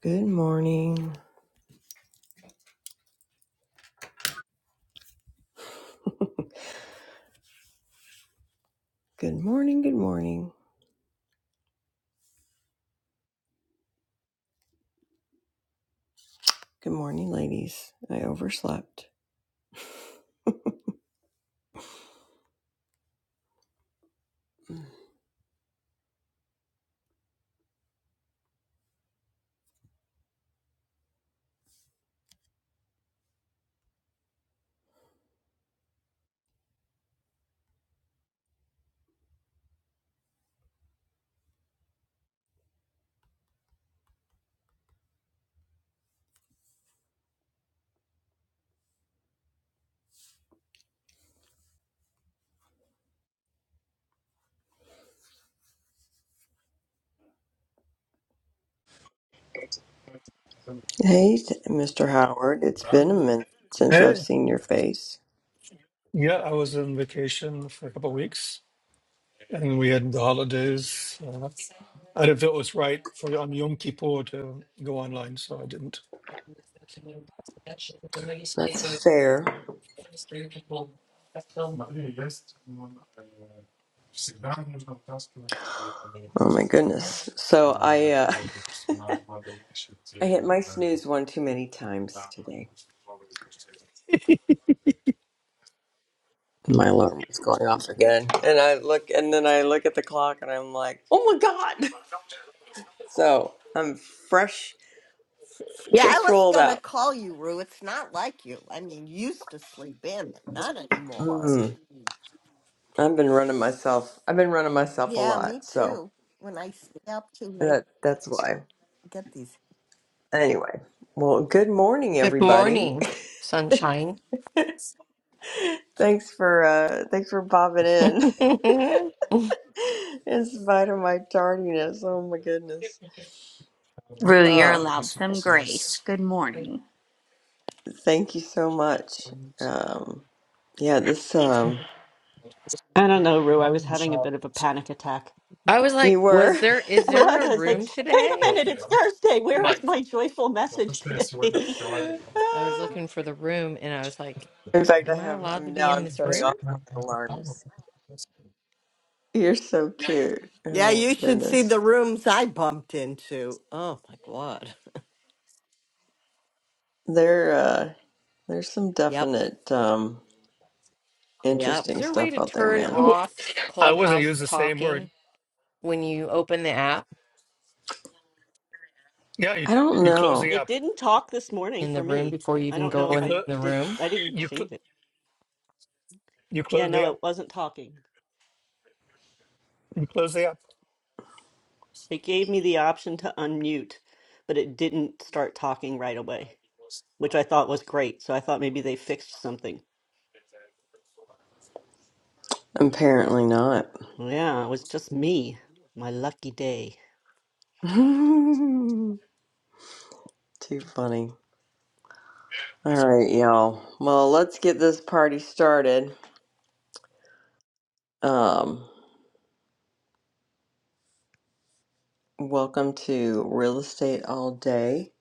Good morning. Good morning. Good morning. Good morning, ladies. I overslept. Hey, Mr. Howard. It's been a minute since I've Hey, seen your face. yeah, I was on vacation for a couple of weeks, and we had the holidays. Uh, I didn't feel it was right for on Yom Kippur to go online, so I didn't. That's fair. Oh my goodness. So I uh, I hit my snooze one too many times today. My alarm was going off again, and I look, and then I look at the clock, and I'm like, oh my god. So I'm fresh, Yeah, I just was rolled gonna out. call you, Rue. It's not like you. I mean, you used to sleep in, but not anymore. Mm, I've been running myself. I've been running myself a Yeah, me lot. So. too. When I stay up too late, That that's why. I get these. Anyway, well, good morning, Good everybody. morning, sunshine. thanks for uh, thanks for popping in, I in spite of my tardiness. Oh my goodness. Rue, you're Uh, allowed some grace. Good morning. thank you so much. Um, yeah, this um, I don't know, Rue. I was having a bit of a panic attack. was like, you were. was there is I there was. a I was like, room wait a today? minute, it's Thursday. Where is my joyful message today? I was looking for the room and I was like, In fact, I am I have. allowed to I'm be now. in I'm this shutting room? off my alarms. You're so cute. Yeah, Oh my you should see goodness. the rooms I bumped into. Oh my god. There, uh, there's some Yep. definite um, Yep. Is interesting there a way stuff to out there, turn I man. w- off I wasn't Clubhouse use the same word. talking when you open the app Yeah, you, I don't you close know. the It app. didn't talk this morning in for the room me. before you I even don't know go You if in I close. the did. room? I didn't You cl- change it. you Yeah, close the no, app. it wasn't talking. You close the app. It gave me the option to unmute, but it didn't start talking right away, which I thought was great. So I thought maybe they fixed something. Apparently not. Well, Yeah, it was just me. My lucky day. Too funny. All right, y'all. Well, let's get this party started. Um, welcome to Real Estate All Day.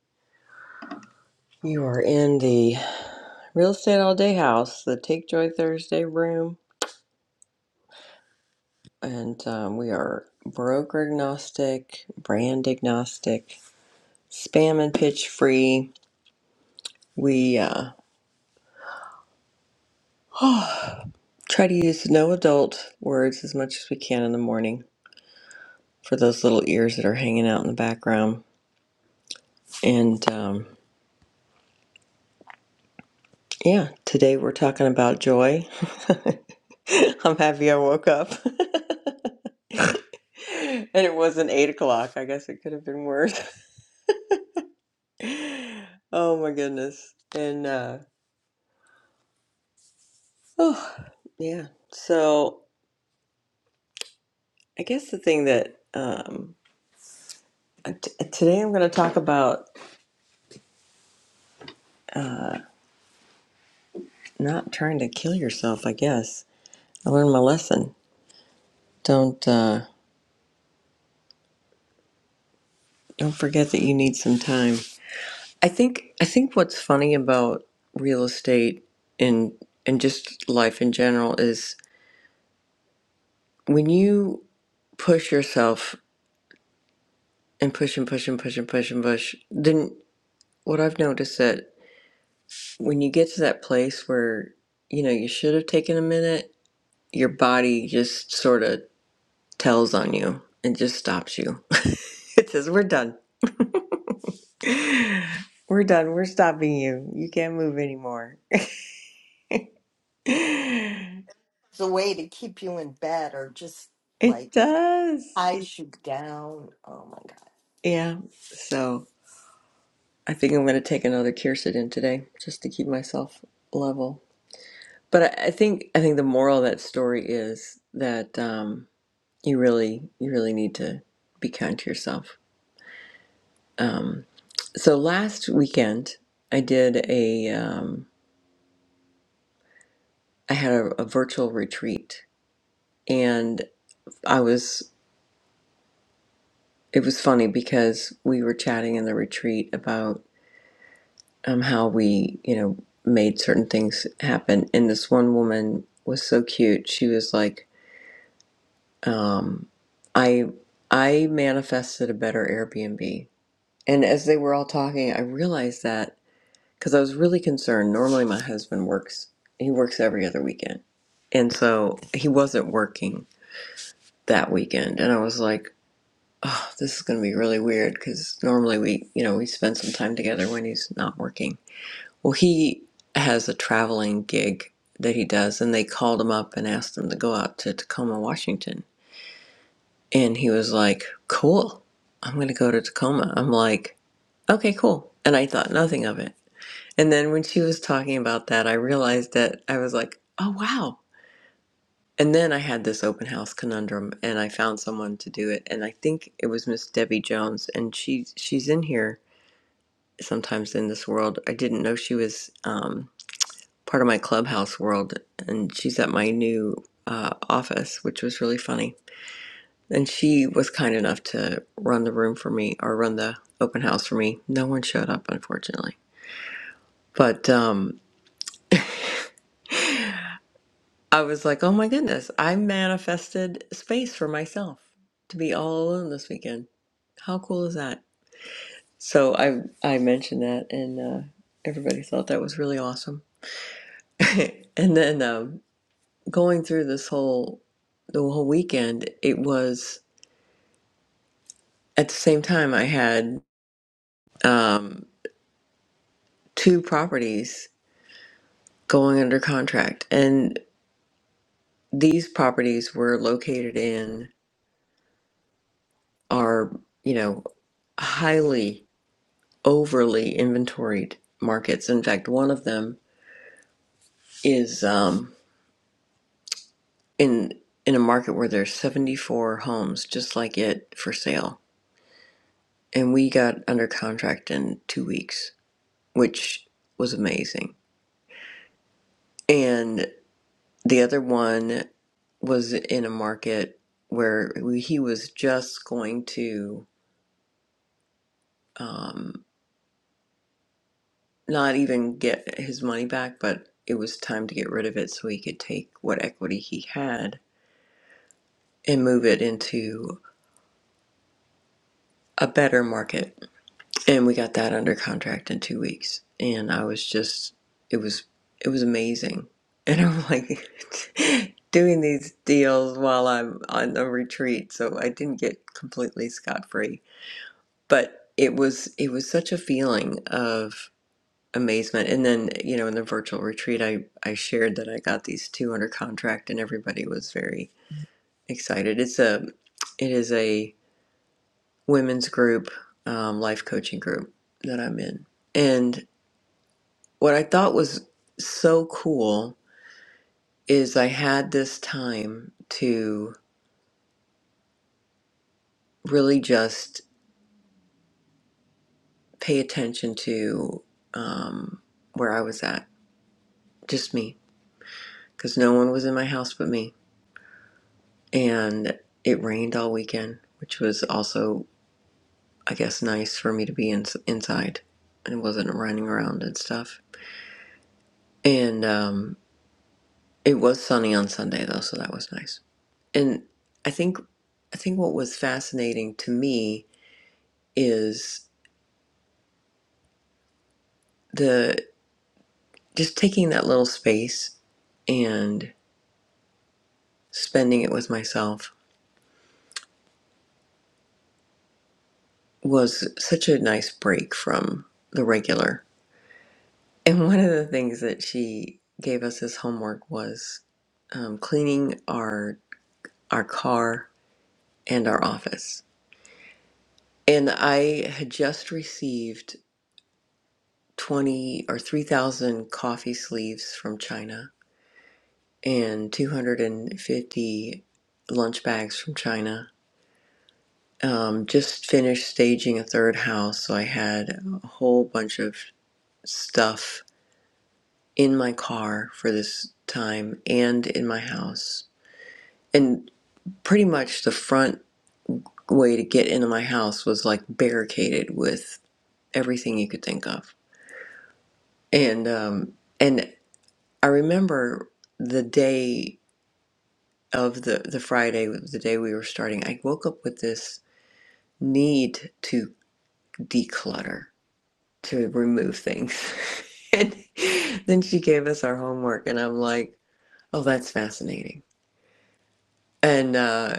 You are in the Real Estate All Day house, the Take Joy Thursday room, and um, we are broker agnostic, brand agnostic, spam and pitch free. We uh, try to use no adult words as much as we can in the morning for those little ears that are hanging out in the background. And um, yeah, today we're talking about joy. I'm happy I woke up. and it wasn't eight o'clock. I guess it could have been worse. oh my goodness. And uh, oh, yeah. So I guess the thing that um, t- today I'm going to talk about not trying to kill yourself, I guess. I learned my lesson. Don't uh, don't forget that you need some time I think I think what's funny about real estate and and just life in general is when you push yourself and push and push and push and push and push, then what I've noticed that when you get to that place where you know you should have taken a minute, your body just sort of tells on you and just stops you. it says, "We're done. We're done. We're stopping you. You can't move anymore." it It's a way to keep you in bed or just like does. It, ties you down. Oh my god. yeah. So. I think I'm going to take another quercetin today just to keep myself level. But I, I think I think the moral of that story is that um, you really you really need to be kind to yourself. Um, so last weekend I did a um, I had a, a virtual retreat and I was it was funny because we were chatting in the retreat about um, how we you know made certain things happen and this one woman was so cute she was like Um, I I manifested a better Airbnb, and as they were all talking, I realized that because I was really concerned. Normally, my husband works; he works every other weekend, and so he wasn't working that weekend. And I was like, "Oh, this is going to be really weird," because normally we, you know, we spend some time together when he's not working. Well, he has a traveling gig that he does, and they called him up and asked him to go out to Tacoma, Washington And he was like, Cool. I'm going to go to Tacoma. I'm like, Okay, cool. And I thought nothing of it. And then when she was talking about that, I realized that I was like, Oh, wow. And then I had this open house conundrum and I found someone to do it. And I think it was Miss Debbie Jones. And she, she's in here sometimes in this world. I didn't know she was um, part of my clubhouse world. And she's at my new uh, office, which was really funny. And she was kind enough to run the room for me or run the open house for me. No one showed up, unfortunately. But um, I was like, oh my goodness, I manifested space for myself to be all alone this weekend. How cool is that? So I, I mentioned that, and uh, everybody thought that was really awesome. and then um, going through this whole the whole weekend, it was at the same time I had um, two properties going under contract. And these properties were located in are, you know, highly overly inventoried markets. In fact, one of them is um, in in a market where there's 74 homes just like it for sale. And we got under contract in 2 weeks, which was amazing. And the other one was in a market where we, he was just going to um, not even get his money back, but it was time to get rid of it so he could take what equity he had and move it into a better market. And we got that under contract in two weeks. And I was just, it was, it was amazing. And I'm like doing these deals while I'm on a retreat, so I didn't get completely scot free. But it was, it was such a feeling of. amazement. And then, you know, in the virtual retreat, I, I shared that I got these two under contract and everybody was very excited. It's a, it is a women's group, um, life coaching group that I'm in. And what I thought was so cool is I had this time to really just pay attention to, um, where I was at, just me, because no one was in my house but me and it rained all weekend, which was also, I guess, nice for me to be in, inside and wasn't running around and stuff. And um, it was sunny on Sunday though, so that was nice. And I think I think what was fascinating to me is the just taking that little space and spending it with myself was such a nice break from the regular And one of the things that she gave us as homework was um, cleaning our our car and our office. And I had just received twenty or three thousand coffee sleeves from China and two hundred and fifty lunch bags from China. Um, just finished staging a third house, so I had a whole bunch of stuff in my car for this time and in my house. and. pretty much the front way to get into my house was like barricaded with everything you could think of and um and i remember the day of the the friday the day we were starting i woke up with this need to declutter to remove things and then she gave us our homework and i'm like oh that's fascinating and uh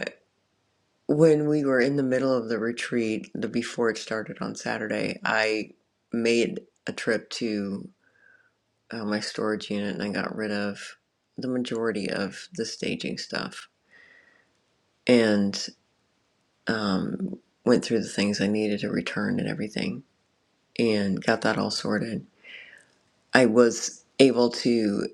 When we were in the middle of the retreat, the before it started on Saturday, I made a trip to uh, my storage unit and I got rid of the majority of the staging stuff and um, went through the things I needed to return and everything and got that all sorted. I was able to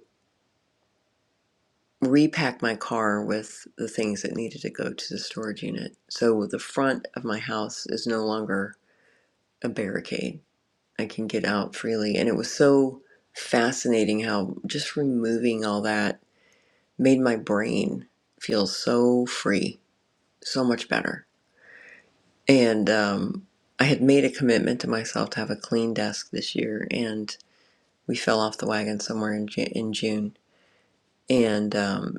repack my car with the things that needed to go to the storage unit. So the front of my house is no longer a barricade I can get out freely. And it was so fascinating how just removing all that made my brain feel so free, so much better. And um, I had made a commitment to myself to have a clean desk this year, and we fell off the wagon somewhere in, Ju- in June. And um,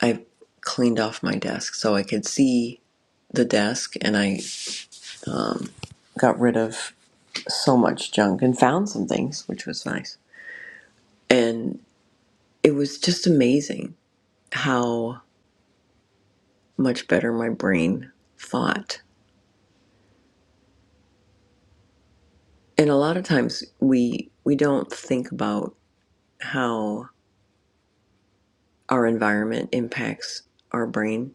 I cleaned off my desk so I could see the desk, and I um, got rid of so much junk and found some things, which was nice. and it was just amazing how much better my brain thought. And a lot of times we we don't think about how our environment impacts our brain.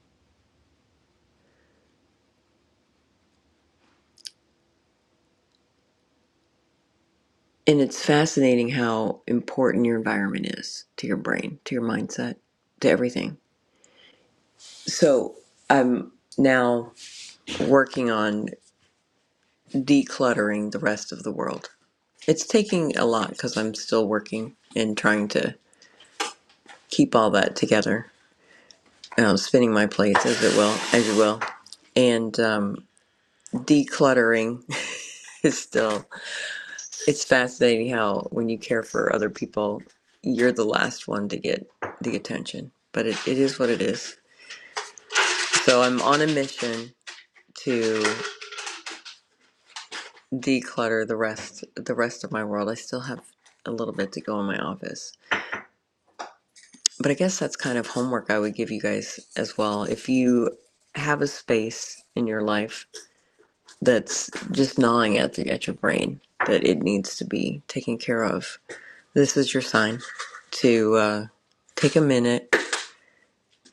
And it's fascinating how important your environment is to your brain, to your mindset, to everything. So I'm now working on decluttering the rest of the world. It's taking a lot because I'm still working and trying to keep all that together um, spinning my plates as it will, as you will, and um, decluttering is still. It's fascinating how when you care for other people, you're the last one to get the attention. But it, it is what it is. So I'm on a mission to declutter the rest the rest of my world. I still have a little bit to go in my office. But I guess that's kind of homework I would give you guys as well. If you have a space in your life that's just gnawing at the at your brain that it needs to be taken care of. This is your sign to uh, take a minute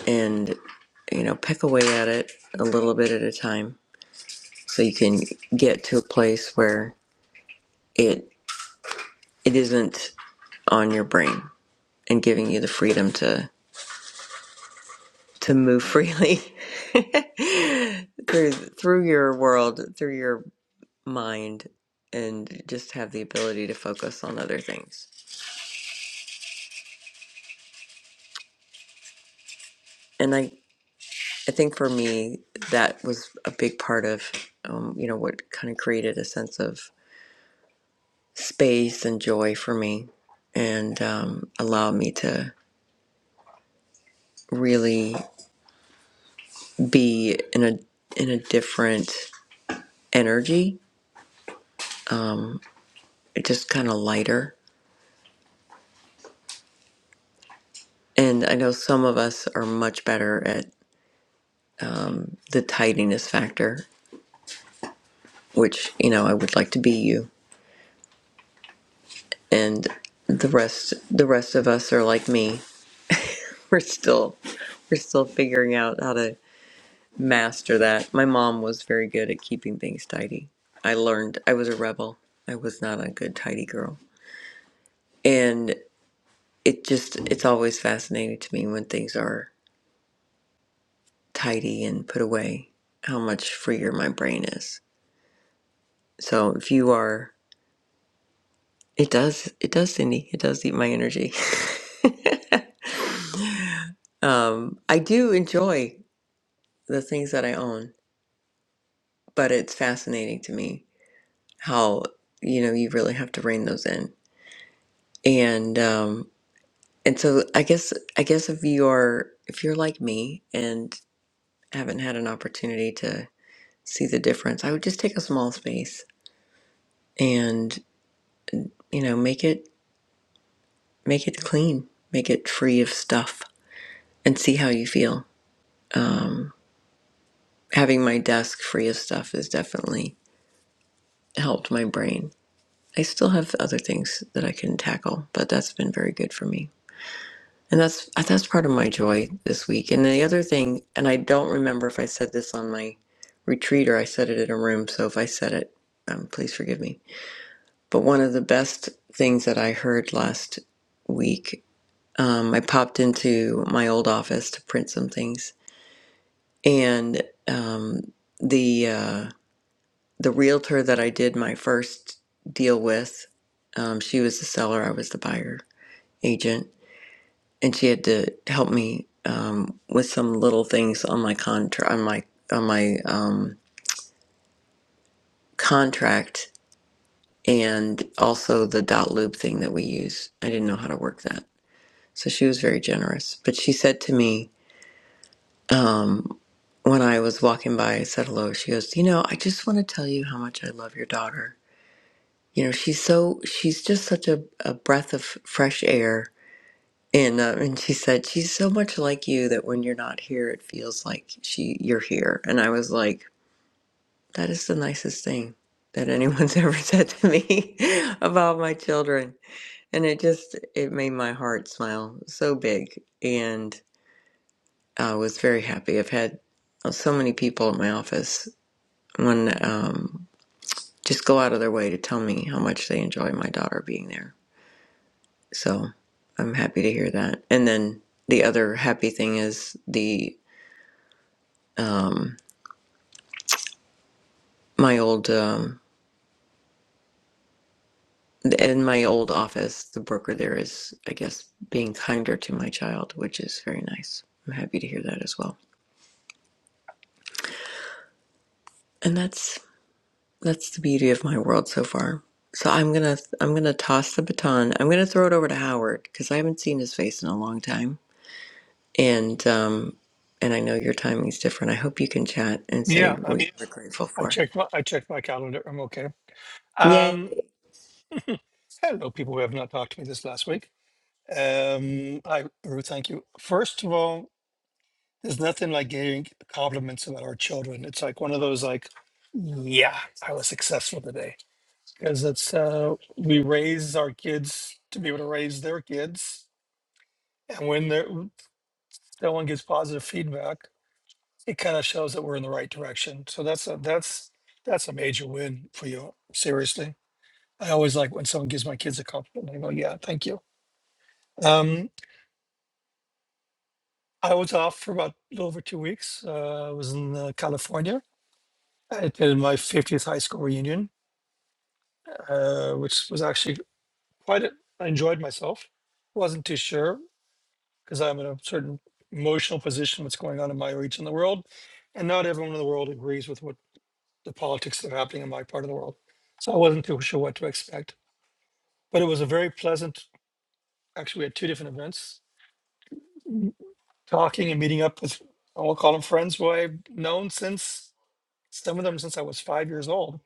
and you know pick away at it a little bit at a time, so you can get to a place where it it isn't on your brain and giving you the freedom to to move freely through through your world, through your mind, and just have the ability to focus on other things. And I I think for me, that was a big part of, um, you know, what kind of created a sense of space and joy for me and um, allowed me to really be in a, in a different energy, just kind of lighter. And I know some of us are much better at the tidiness factor, which, you know, I would like to be you. And the rest, the rest of us are like me. We're still, we're still figuring out how to master that. My mom was very good at keeping things tidy. I learned I was a rebel. I was not a good tidy girl. And it just it's always fascinating to me when things are tidy and put away how much freer my brain is. So if you are it does it does Cindy, it does eat my energy. um I do enjoy the things that I own, but it's fascinating to me how you know you really have to rein those in. And um, And so I guess I guess if you're if you're like me and haven't had an opportunity to see the difference, I would just take a small space and, you know, make it make it clean, make it free of stuff and see how you feel. Having my desk free of stuff has definitely helped my brain. I still have other things that I can tackle, but that's been very good for me. And that's uh, that's part of my joy this week. And the other thing, and I don't remember if I said this on my retreat or I said it in a room, so if I said it, um, please forgive me. But one of the best things that I heard last week, um, I popped into my old office to print some things, and um, the uh, the realtor that I did my first deal with, um, she was the seller, I was the buyer agent and she had to help me um, with some little things on my contract on my on my um, contract and also the dot loop thing that we use. I didn't know how to work that, so she was very generous. But she said to me um, when I was walking by, I said hello. She goes, "You know, I just want to tell you how much I love your daughter. You know, she's so she's just such a, a breath of fresh air." And uh, and she said she's so much like you that when you're not here, it feels like she you're here. And I was like, that is the nicest thing that anyone's ever said to me about my children. And it just it made my heart smile so big. And I was very happy. I've had uh, so many people at my office when um, just go out of their way to tell me how much they enjoy my daughter being there. So I'm happy to hear that. And then the other happy thing is the um, my old um, in my old office, the broker there is, I guess, being kinder to my child, which is very nice. I'm happy to hear that as well. And that's that's the beauty of my world so far. So I'm gonna I'm gonna toss the baton. I'm gonna throw it over to Howard because I haven't seen his face in a long time, and um, and I know your timing's different. I hope you can chat and say Yeah, what I'm, you're grateful I for. checked my I checked my calendar. I'm okay. Yay! Um, hello, people who have not talked to me this last week. Um, hi, Ruth. Thank you. First of all. There's nothing like getting compliments about our children. It's like one of those like, yeah, I was successful today because it's uh, we raise our kids to be able to raise their kids, and when they're- someone gives positive feedback, it kind of shows that we're in the right direction. So that's a that's that's a major win for you. Seriously, I always like when someone gives my kids a compliment. I go, yeah, thank you. Um, I was off for about a little over two weeks. Uh, I was in uh, California. I attended my 50th high school reunion uh, which was actually quite. A, I enjoyed myself. wasn't too sure because I'm in a certain emotional position. What's going on in my region of the world, and not everyone in the world agrees with what the politics that are happening in my part of the world. So I wasn't too sure what to expect. But it was a very pleasant. Actually, we had two different events, talking and meeting up with. I will call them friends who I've known since some of them since I was five years old.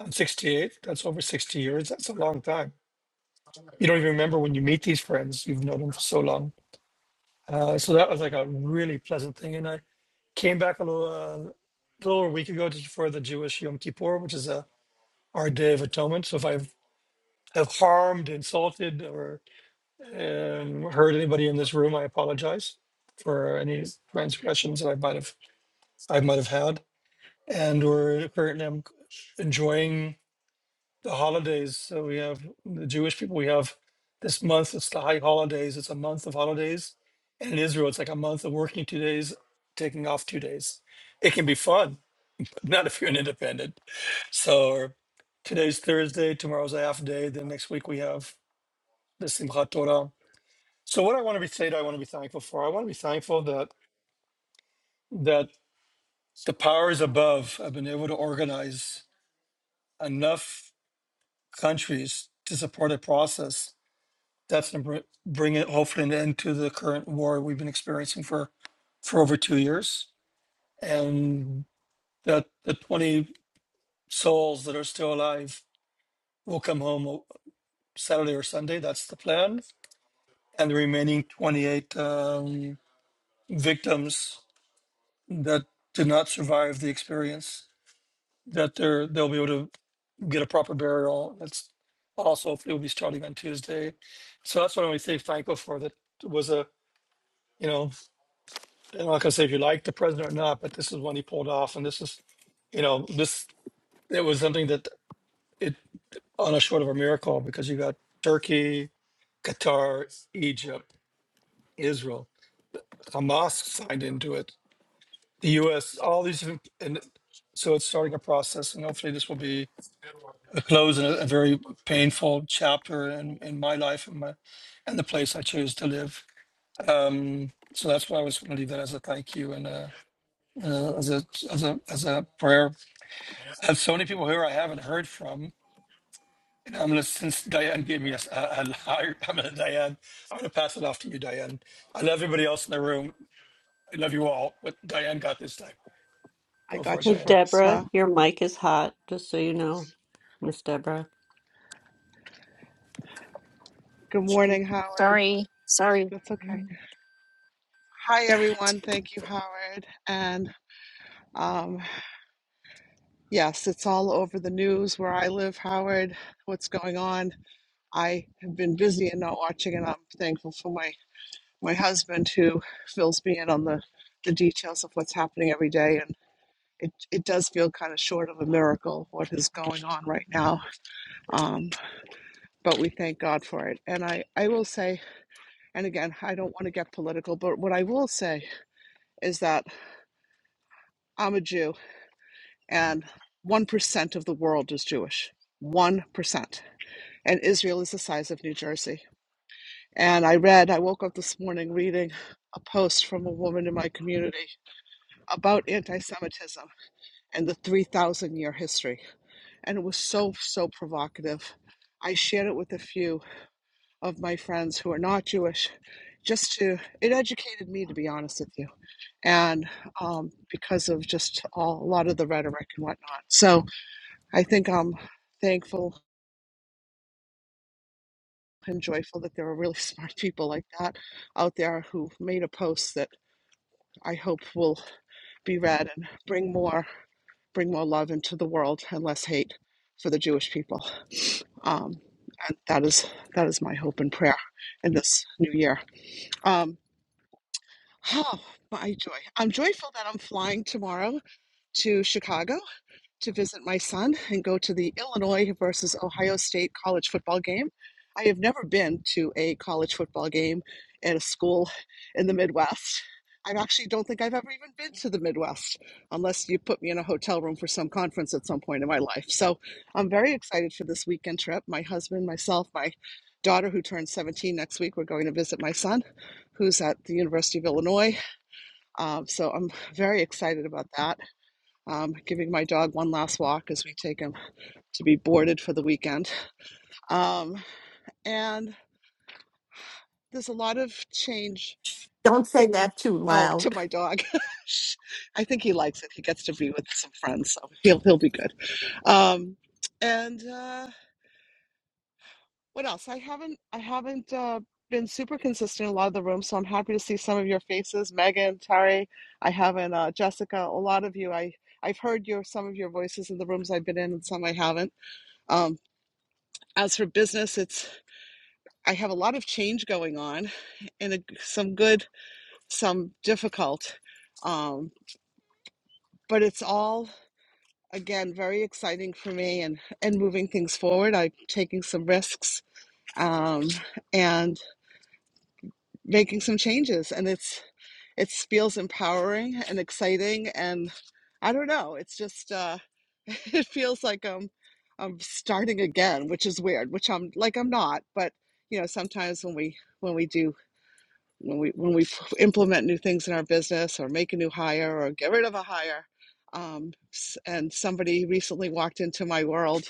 I'm 68. That's over 60 years. That's a long time. You don't even remember when you meet these friends. You've known them for so long Uh, so that was like a really pleasant thing. And I came back a little, uh, a little over a week ago to, for the Jewish Yom Kippur, which is a, our Day of Atonement. So if I have harmed, insulted, or um, hurt anybody in this room, I apologize for any transgressions that I might have I might have had. And we're currently I'm enjoying. the holidays. So we have the Jewish people. We have this month. It's the high holidays. It's a month of holidays, and in Israel, it's like a month of working two days, taking off two days. It can be fun, but not if you're an independent. So today's Thursday. Tomorrow's a half day. Then next week we have the Simchat Torah. So what I want to be say, that I want to be thankful for. I want to be thankful that that the powers above have been able to organize enough countries to support a process definitely to bring it hopefully an end to the current war we've been experiencing for for over two years and that the 20 souls that are still alive will come home uh, saturday or sunday that's the plan and the remaining 28 um, victims that did not survive the experience that they're they'll be able to get a proper burial that's also hopefully will be starting on tuesday so that's what i want to thank franco for that was a you know And like I say, if you like the president or not, but this is one he pulled off, and this is, you know, this it was something that it on a short of a miracle because you got Turkey, Qatar, Egypt, Israel, Hamas signed into it, the U.S., all these, different- and so it's starting a process, and hopefully this will be a close and a, a very painful chapter in in my life and my and the place I choose to live. Um, so that's why I was going to leave that as a thank you and uh uh, as a as a as a prayer I have so many people here I haven't heard from. And I'm gonna since Diane gave me a, a, a I'm gonna Diane. I'm gonna pass it off to you, Diane. I love everybody else in the room. I love you all, but Diane got this time. I Go for it, got you Hey, Diane. first, Deborah, huh? your mic is hot, just so you know, Miss Deborah. Good morning, Howard. Sorry, sorry. That's okay. Hi, everyone. Thank you, Howard. And um, yes, it's all over the news where I live, Howard. What's going on? I have been busy and not watching, and I'm thankful for my my husband who fills me in on the the details of what's happening every day. And it it does feel kind of short of a miracle what is going on right now. Um, but we thank God for it. And I I will say, and again, I don't want to get political, but what I will say is that I'm a Jew and 1% of the world is Jewish. 1%. And Israel is the size of New Jersey. And I read, I woke up this morning reading a post from a woman in my community about anti Semitism and the 3,000 year history. And it was so, so provocative. I shared it with a few of my friends who are not Jewish just to, it educated me, to be honest with you. And um, because of just all, a lot of the rhetoric and whatnot. So, I think I'm thankful and joyful that there are really smart people like that out there who made a post that I hope will be read and bring more bring more love into the world and less hate for the Jewish people. Um, and that is that is my hope and prayer in this new year. Um, oh, my joy! I'm joyful that I'm flying tomorrow to Chicago to visit my son and go to the Illinois versus Ohio State college football game. I have never been to a college football game at a school in the Midwest. I actually don't think I've ever even been to the Midwest unless you put me in a hotel room for some conference at some point in my life. So I'm very excited for this weekend trip. My husband, myself, my daughter, who turns 17 next week, we're going to visit my son, who's at the University of Illinois. Um, so I'm very excited about that um, giving my dog one last walk as we take him to be boarded for the weekend. Um, and there's a lot of change. Don't say that too Oh, to loud. my dog. I think he likes it. He gets to be with some friends, so he'll he'll be good. Um, and uh, what else? I haven't I haven't uh, been super consistent in a lot of the rooms, so I'm happy to see some of your faces, Megan, Tari. I haven't uh, Jessica. A lot of you. I I've heard your some of your voices in the rooms I've been in, and some I haven't. Um, as for business, it's I have a lot of change going on and a, some good, some difficult. Um, but it's all, again, very exciting for me and, and moving things forward. I'm taking some risks um, and making some changes. And it's, it feels empowering and exciting. And I don't know, it's just, uh, it feels like I'm, I'm starting again, which is weird, which I'm like, I'm not, but you know, sometimes when we, when we do when we when we implement new things in our business or make a new hire or get rid of a hire um, and somebody recently walked into my world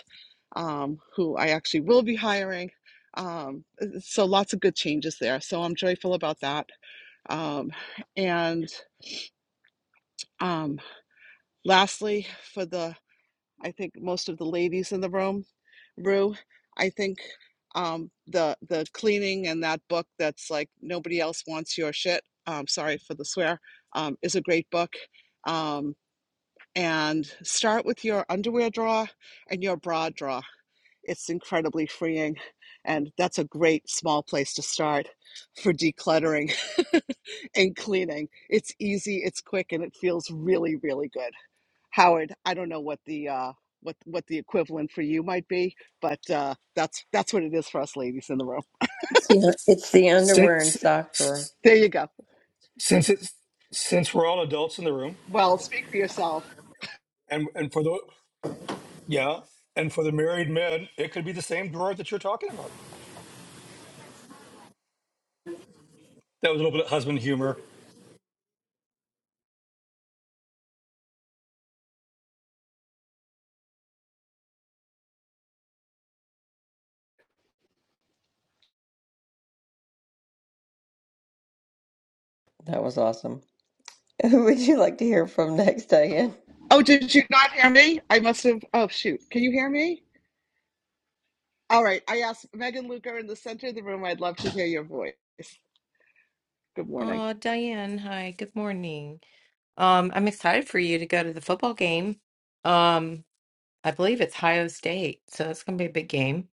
um, who i actually will be hiring um, uh, so lots of good changes there so i'm joyful about that um, and um, lastly for the I think most of the ladies in the room, Rue, I think um, the the cleaning and that book that's like nobody else wants your shit. Um, sorry for the swear. Um, is a great book. Um, and start with your underwear drawer and your bra drawer. It's incredibly freeing, and that's a great small place to start for decluttering and cleaning. It's easy, it's quick, and it feels really, really good. Howard, I don't know what the uh, what what the equivalent for you might be, but uh, that's that's what it is for us ladies in the room. It's the, it's the underwear and Since sock drawer. There you go. since it's since we're all adults in the room, Well, speak for yourself. and and for the yeah, and for the married men, it could be the same drawer that you're talking about. That was a little bit of husband humor. That was awesome. Who would you like to hear from next, Diane? Oh, did you not hear me? I must have. Oh shoot, can you hear me? All right. I asked Megan Luker in the center of the room. I'd love to hear your voice. Good morning. Oh, Diane, hi, good morning. Um, I'm excited for you to go to the football game. Um, I believe it's Ohio State, so it's going to be a big game.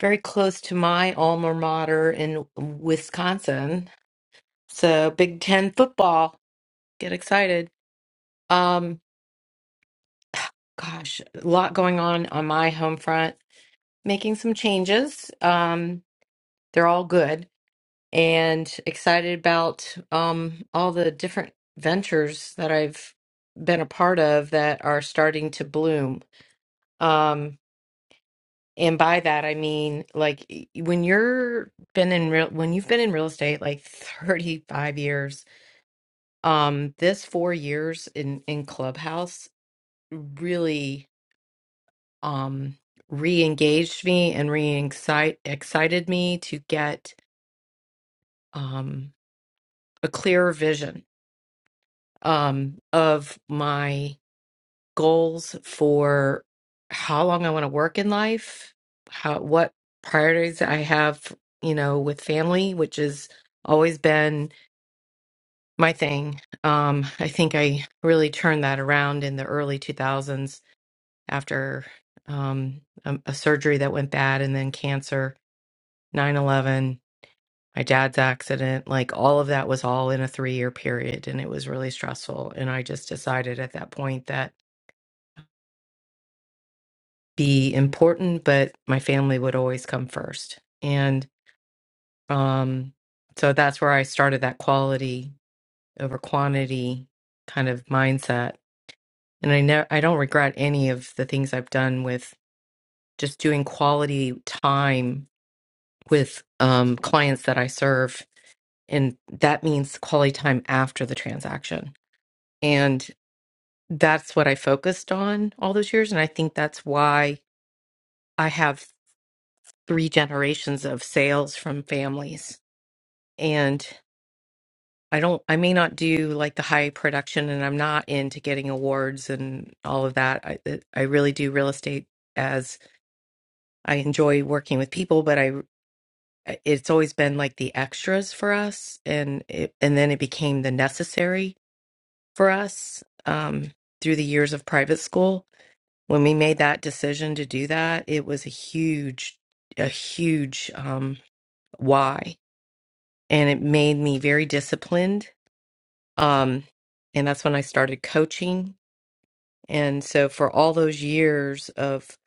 Very close to my alma mater in Wisconsin. So Big Ten football. Get excited. Um, gosh, a lot going on on my home front. Making some changes. Um, they're all good and excited about um, all the different ventures that I've been a part of that are starting to bloom Um, and by that I mean like y- when you're been in real when you've been in real estate like 35 years, um, this four years in in Clubhouse really um re-engaged me and re-excite excited me to get um a clearer vision um of my goals for how long I want to work in life, how what priorities I have, you know, with family, which has always been my thing. Um, I think I really turned that around in the early 2000s after um, a, a surgery that went bad and then cancer, 9 11, my dad's accident. Like all of that was all in a three year period and it was really stressful. And I just decided at that point that. be important, but my family would always come first. And um, so that's where I started that quality over quantity kind of mindset. And I never, I don't regret any of the things I've done with just doing quality time with um, clients that I serve. And that means quality time after the transaction. And that's what I focused on all those years. And I think that's why I have three generations of sales from families and I don't I may not do like the high production and I'm not into getting awards and all of that. I it- I really do real estate as I enjoy working with people, but I it's always been like the extras for us and it, and then it became the necessary for us um through the years of private school. When we made that decision to do that, it was a huge a huge um why and it made me very disciplined Um, and that's when I started coaching. And so for all those years of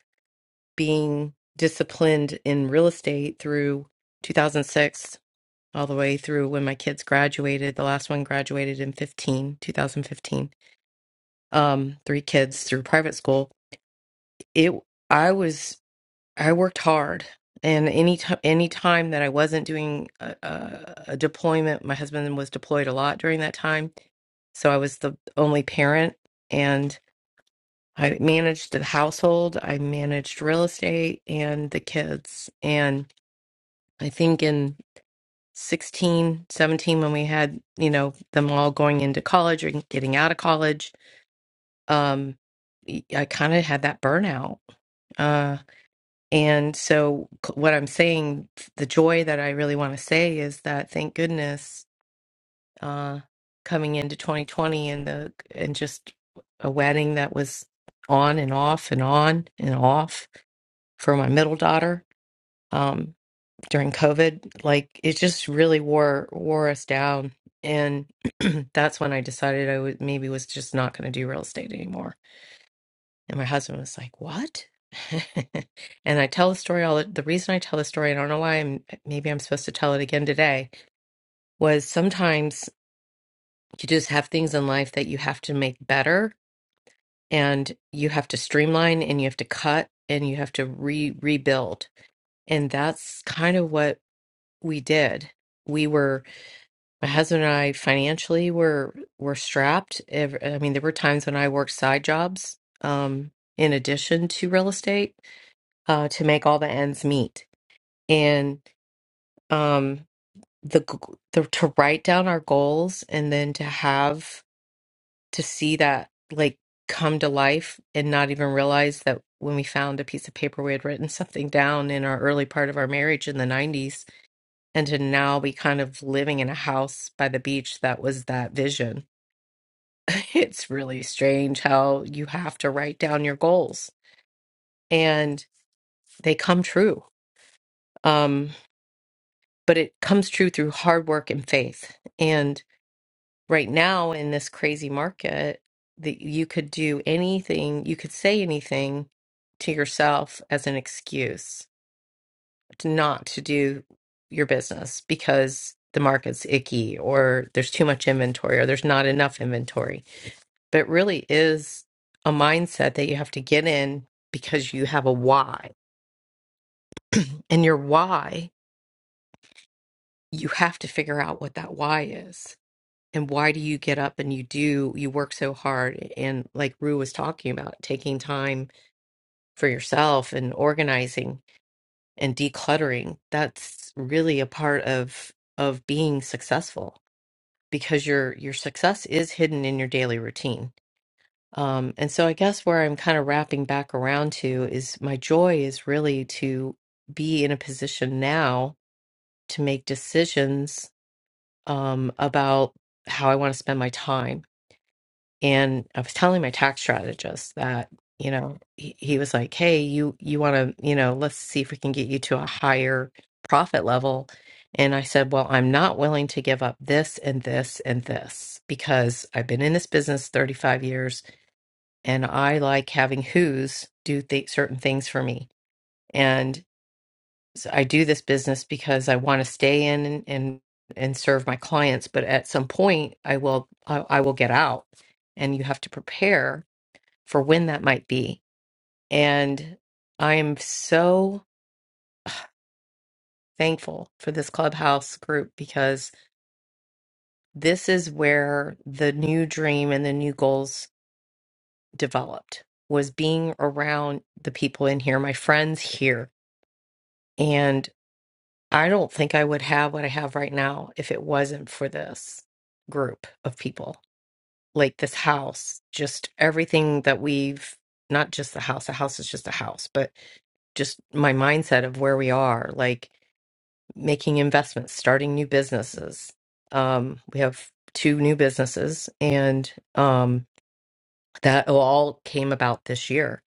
being disciplined in real estate through 2006 all the way through when my kids graduated, the last one graduated in 15, 2015. Um, three kids through private school. It I was I worked hard. And any time, any time that I wasn't doing a, a, a deployment, my husband was deployed a lot during that time, so I was the only parent, and I managed the household, I managed real estate and the kids. And I think in 16, 17, when we had, you know, them all going into college or getting out of college, um, y- I kind of had that burnout. Uh, and so, c- what I'm saying, the joy that I really want to say is that thank goodness, uh, coming into 2020 and the, and just a wedding that was on and off and on and off for my middle daughter um, during COVID. Like it just really wore wore us down, and that's when I decided I would maybe was just not going to do real estate anymore. And my husband was like, "What?" and I tell the story all the the reason I tell the story. I don't know why. I'm maybe I'm supposed to tell it again today. Was sometimes you just have things in life that you have to make better, and you have to streamline, and you have to cut, and you have to re rebuild. And that's kind of what We did. We were my husband and I financially were were strapped. Ev- I mean, there were times when I worked side jobs um, in addition to real estate uh, to make all the ends meet. And um, the, g- the to write down our goals and then to have to see that like come to life and not even realize that when we found a piece of paper we had written something down in our early part of our marriage in the 90s and to now be kind of living in a house by the beach that was that vision. It's really strange how you have to write down your goals and they come true. Um, but it comes true through hard work and faith. And right now in this crazy market, that you could do anything, you could say anything to yourself as an excuse to not to do your business because the market's icky or there's too much inventory or there's not enough inventory. But it really is a mindset that you have to get in because you have a why. And your why, you have to figure out what that why is. And why do you get up and you do, you work so hard? And like Rue was talking about, taking time for yourself and organizing and decluttering, that's really a part of of being successful because your your success is hidden in your daily routine. Um, and so I guess where I'm kind of wrapping back around to is my joy is really to be in a position now to make decisions um, about how I want to spend my time and I was telling my tax strategist that you know he, he was like, "Hey, you you want to you know let's see if we can get you to a higher profit level." And I said, "Well, I'm not willing to give up this and this and this because I've been in this business 35 years and I like having who's do th- certain things for me. And so I do this business because I want to stay in and, and and serve my clients, but at some point I will I, I will get out and you have to prepare for when that might be. And I am so thankful for this clubhouse group because this is where the new dream and the new goals developed was being around the people in here, my friends here. And I don't think I would have what I have right now if it wasn't for this group of people. like this house, just everything that we've not just the house, a house is just a house, but just my mindset of where we are, like making investments, starting new businesses. Um, we have two new businesses, and um, that all came about this year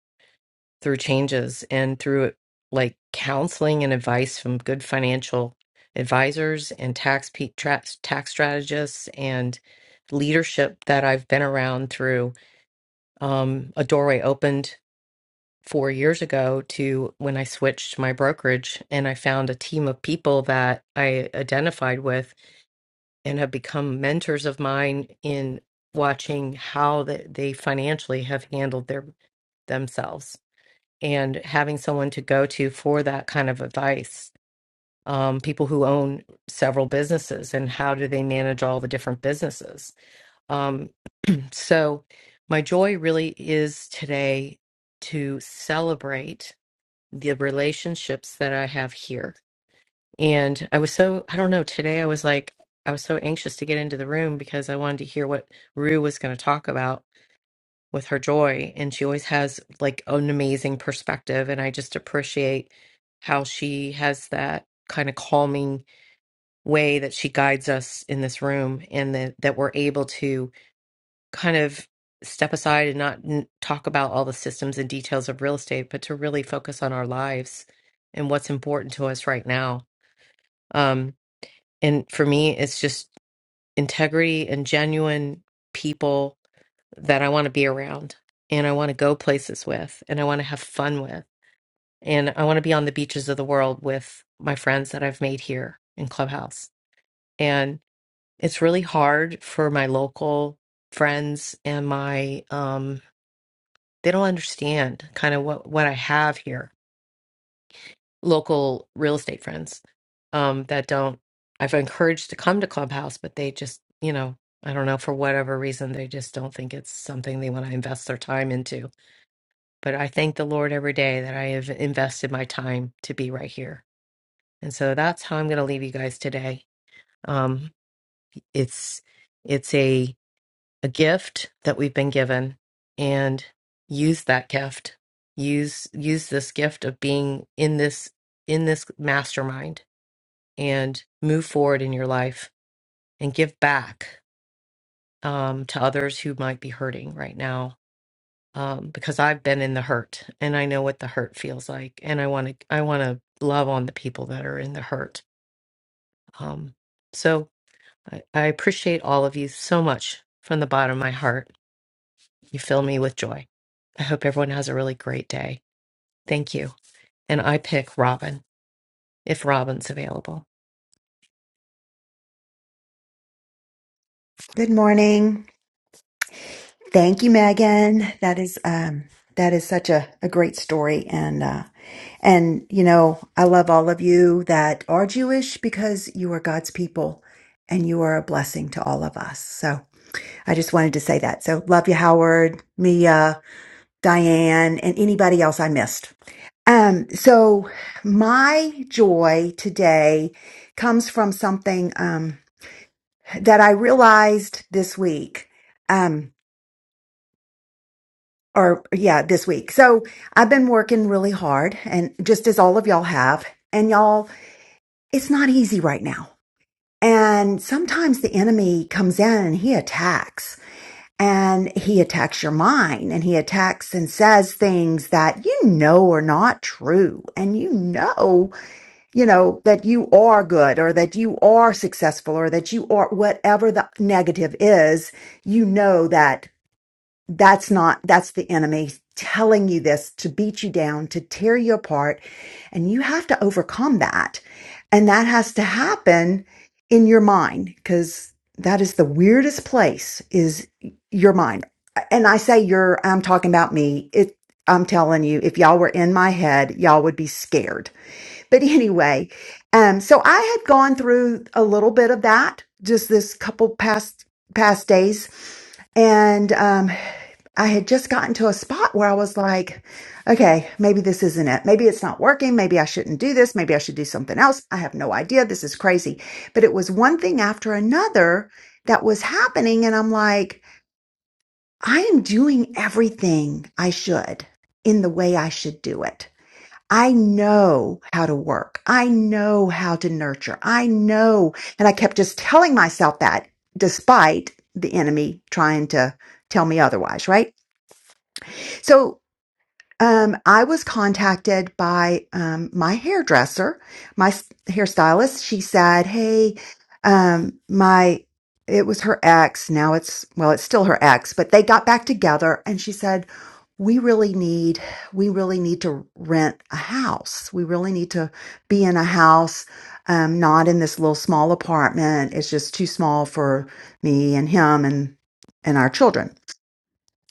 through changes and through like counseling and advice from good financial advisors and tax pe- tra- tax strategists and leadership that I've been around through um, a doorway opened four years ago to when I switched my brokerage and I found a team of people that I identified with and have become mentors of mine in watching how the, they financially have handled their themselves and having someone to go to for that kind of advice. Um, people who own several businesses and how do they manage all the different businesses? Um, So, my joy really is today to celebrate the relationships that I have here. And I was so, I don't know, today I was like, I was so anxious to get into the room because I wanted to hear what Rue was going to talk about with her joy. And she always has like an amazing perspective. And I just appreciate how she has that kind of calming way that she guides us in this room and that, that we're able to kind of step aside and not n- talk about all the systems and details of real estate, but to really focus on our lives and what's important to us right now. Um, and for me, it's just integrity and genuine people that I want to be around and I want to go places with and I want to have fun with. And I want to be on the beaches of the world with my friends that I've made here in Clubhouse. And it's really hard for my local friends and my um, they don't understand kind of what what I have here. Local real estate friends um, that don't I've encouraged to come to Clubhouse, but they just you know I don't know for whatever reason they just don't think it's something they want to invest their time into. But I thank the Lord every day that I have invested my time to be right here, and so that's how I'm going to leave you guys today. Um, it's it's a a gift that we've been given and use that gift use use this gift of being in this in this mastermind and move forward in your life and give back um, to others who might be hurting right now um, because i've been in the hurt and i know what the hurt feels like and i want to i want to love on the people that are in the hurt um, so I, I appreciate all of you so much from the bottom of my heart You fill me with joy. I hope everyone has a really great day. Thank you. And I pick Robin if Robin's available. Good morning. Thank you, Megan. That is um that is such a, a great story and uh and you know, I love all of you that are Jewish because you are God's people and you are a blessing to all of us. So I just wanted to say that. So love you, Howard, Mia, Diane, and anybody else I missed. Um, so my joy today comes from something um that I realized this week. Um, or yeah, this week. So I've been working really hard and just as all of y'all have. And y'all, it's not easy right now. And sometimes the enemy comes in and he attacks and he attacks your mind and he attacks and says things that you know are not true. And you know, you know, that you are good or that you are successful or that you are whatever the negative is, you know that that's not, that's the enemy telling you this to beat you down, to tear you apart. And you have to overcome that. And that has to happen in your mind because that is the weirdest place is your mind. And I say your, I'm talking about me. It, I'm telling you, if y'all were in my head, y'all would be scared but anyway, um, so I had gone through a little bit of that just this couple past past days, and um, I had just gotten to a spot where I was like, okay, maybe this isn't it. Maybe it's not working. Maybe I shouldn't do this. Maybe I should do something else. I have no idea. This is crazy. But it was one thing after another that was happening. And I'm like, I am doing everything I should in the way I should do it. I know how to work. I know how to nurture. I know. And I kept just telling myself that despite the enemy trying to tell me otherwise, right? So um, I was contacted by um, my hairdresser, my s- hairstylist. She said, "Hey, um, my it was her ex. Now it's well, it's still her ex, but they got back together." And she said, "We really need, we really need to rent a house. We really need to be in a house, um, not in this little small apartment. It's just too small for me and him and and our children."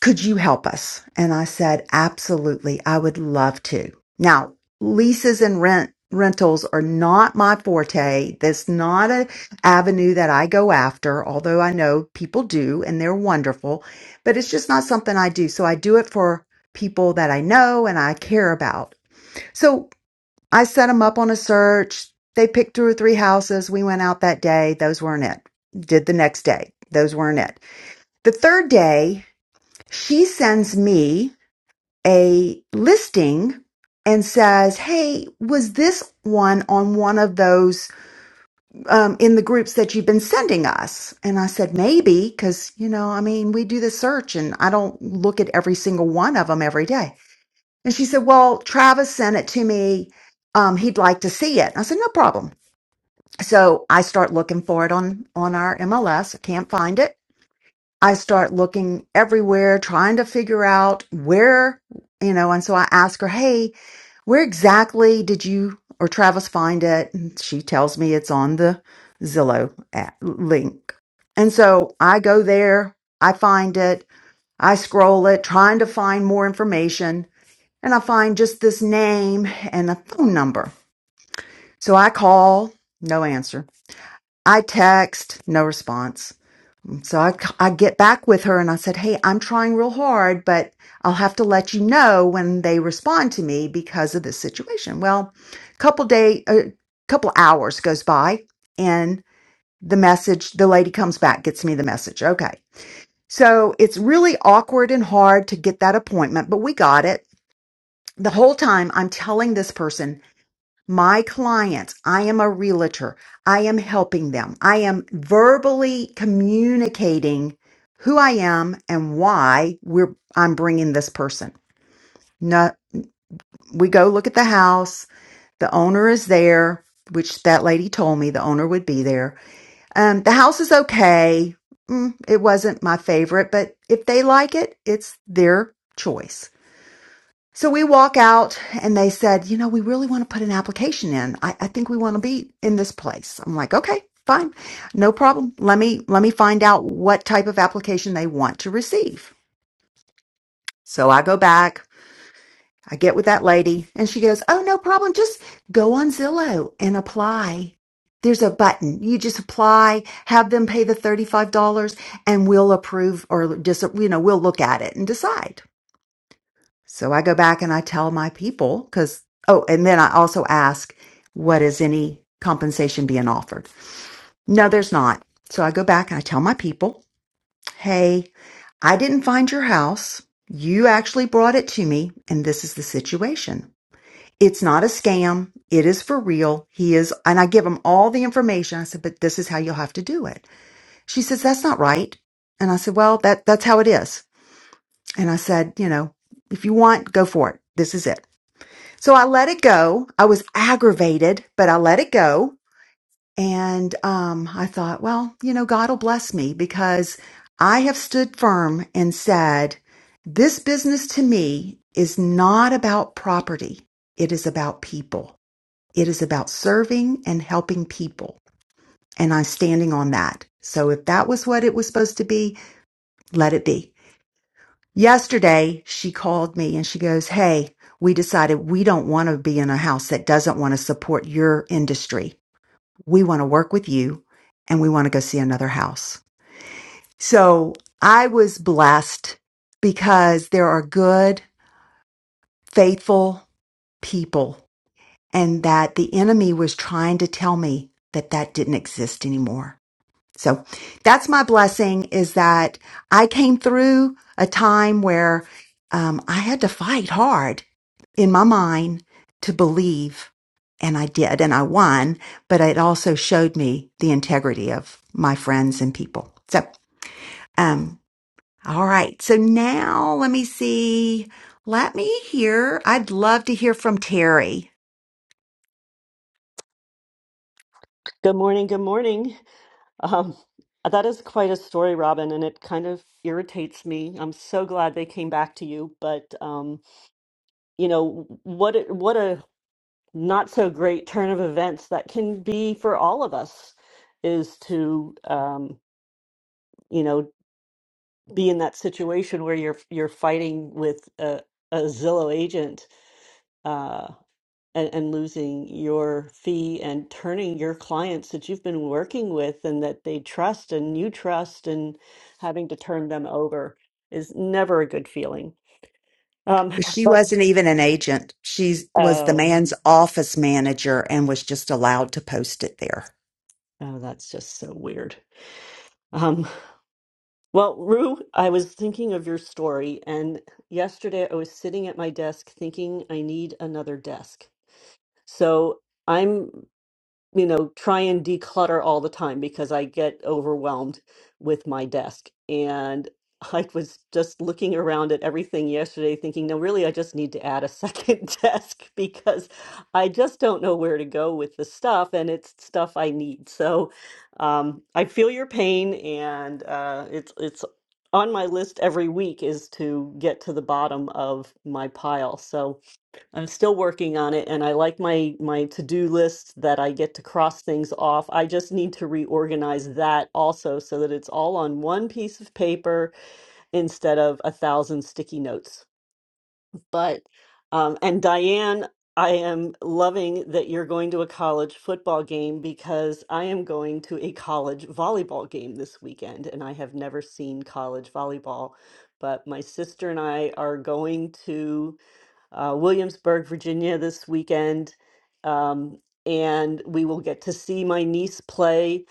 Could you help us? And I said, Absolutely. I would love to. Now, leases and rent rentals are not my forte. That's not an avenue that I go after, although I know people do and they're wonderful, but it's just not something I do. So I do it for people that I know and I care about. So I set them up on a search. They picked two or three houses. We went out that day. Those weren't it. Did the next day. Those weren't it. The third day she sends me a listing and says, Hey, was this one on one of those um, in the groups that you've been sending us? And I said, Maybe, because, you know, I mean, we do the search and I don't look at every single one of them every day. And she said, Well, Travis sent it to me. Um, he'd like to see it. I said, No problem. So I start looking for it on on our MLS. can't find it. I start looking everywhere, trying to figure out where, you know, and so I ask her, Hey, where exactly did you or Travis find it? And she tells me it's on the Zillow app link. And so I go there, I find it, I scroll it, trying to find more information, and I find just this name and a phone number. So I call, no answer. I text, no response. So I I get back with her and I said, Hey, I'm trying real hard, but I'll have to let you know when they respond to me because of this situation. Well, a couple day, a couple hours goes by and the message, the lady comes back, gets me the message. Okay. So it's really awkward and hard to get that appointment, but we got it. The whole time I'm telling this person, my clients, I am a realtor. I am helping them. I am verbally communicating who I am and why we're, I'm bringing this person. No, we go look at the house. The owner is there, which that lady told me the owner would be there. Um, the house is okay. Mm, it wasn't my favorite, but if they like it, it's their choice. So we walk out and they said, you know, we really want to put an application in. I, I think we want to be in this place. I'm like, okay, fine. No problem. Let me, let me find out what type of application they want to receive. So I go back, I get with that lady and she goes, oh, no problem. Just go on Zillow and apply. There's a button. You just apply, have them pay the $35 and we'll approve or just, you know, we'll look at it and decide. So I go back and I tell my people because, oh, and then I also ask, what is any compensation being offered? No, there's not. So I go back and I tell my people, hey, I didn't find your house. You actually brought it to me, and this is the situation. It's not a scam. It is for real. He is, and I give him all the information. I said, but this is how you'll have to do it. She says, that's not right. And I said, well, that, that's how it is. And I said, you know, if you want, go for it. This is it. So I let it go. I was aggravated, but I let it go. And um, I thought, well, you know, God will bless me because I have stood firm and said, this business to me is not about property. It is about people. It is about serving and helping people. And I'm standing on that. So if that was what it was supposed to be, let it be. Yesterday, she called me and she goes, Hey, we decided we don't want to be in a house that doesn't want to support your industry. We want to work with you and we want to go see another house. So I was blessed because there are good, faithful people and that the enemy was trying to tell me that that didn't exist anymore. So that's my blessing is that I came through a time where um, I had to fight hard in my mind to believe. And I did, and I won, but it also showed me the integrity of my friends and people. So, um, all right. So now let me see. Let me hear. I'd love to hear from Terry. Good morning. Good morning. Um, that is quite a story, Robin, and it kind of irritates me. I'm so glad they came back to you, but um, you know what? It, what a not so great turn of events that can be for all of us is to um, you know be in that situation where you're you're fighting with a, a Zillow agent. Uh, and, and losing your fee and turning your clients that you've been working with and that they trust and you trust and having to turn them over is never a good feeling. Um, But she but wasn't even an agent. She was the oh, man's office manager and was just allowed to post it there. oh, that's just so weird. Um, well, Rue, I was thinking of your story, and yesterday I was sitting at my desk thinking I need another desk. So. I'm. you know, try and declutter all the time because I get overwhelmed with my desk. And I was just looking around at everything yesterday, thinking, no, really, I just need to add a second desk because I just don't know where to go with the stuff, and it's stuff I need. So um, I feel your pain, and uh, it's it's on my list every week is to get to the bottom of my pile. So I'm still working on it and I like my my to-do list that I get to cross things off. I just need to reorganize that also so that it's all on one piece of paper instead of a thousand sticky notes. But um and Diane, I am loving that you're going to a college football game because I am going to a college volleyball game this weekend and I have never seen college volleyball, but my sister and I are going to uh, Williamsburg, Virginia this weekend. Um, and we will get to see my niece play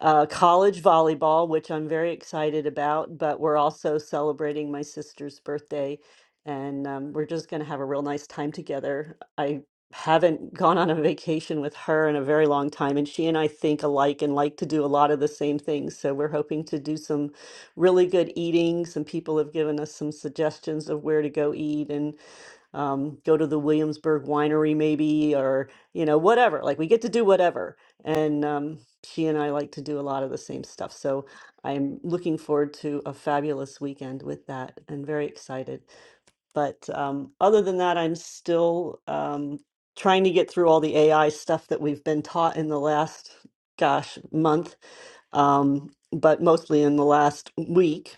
uh, college volleyball, which I'm very excited about. But we're also celebrating my sister's birthday, and um, we're just going to have a real nice time together. I haven't gone on a vacation with her in a very long time, and she and I think alike and like to do a lot of the same things. So we're hoping to do some really good eating. Some people have given us some suggestions of where to go eat, and um, go to the Williamsburg winery maybe, or, you know, whatever. Like we get to do whatever. And um, she and I like to do a lot of the same stuff. So I'm looking forward to a fabulous weekend with that and very excited. But um, other than that, I'm still um, trying to get through all the AI stuff that we've been taught in the last, gosh, month, um, but mostly in the last week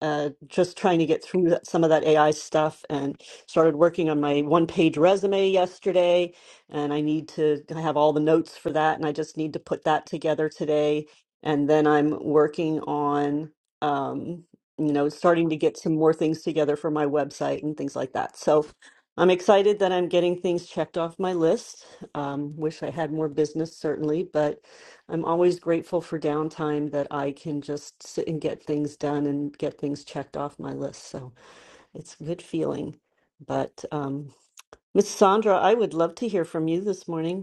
uh, just trying to get through that, some of that AI stuff and started working on my one page resume yesterday. And I need to I have all the notes for that. And I just need to put that together today. And then I'm working on, um, you know, starting to get some more things together for my website and things like that. So I'm excited that I'm getting things checked off my list. Um, wish I had more business, certainly, but I'm always grateful for downtime that I can just sit and get things done and get things checked off my list. So it's a good feeling. But um, Miss Sandra, I would love to hear from you this morning.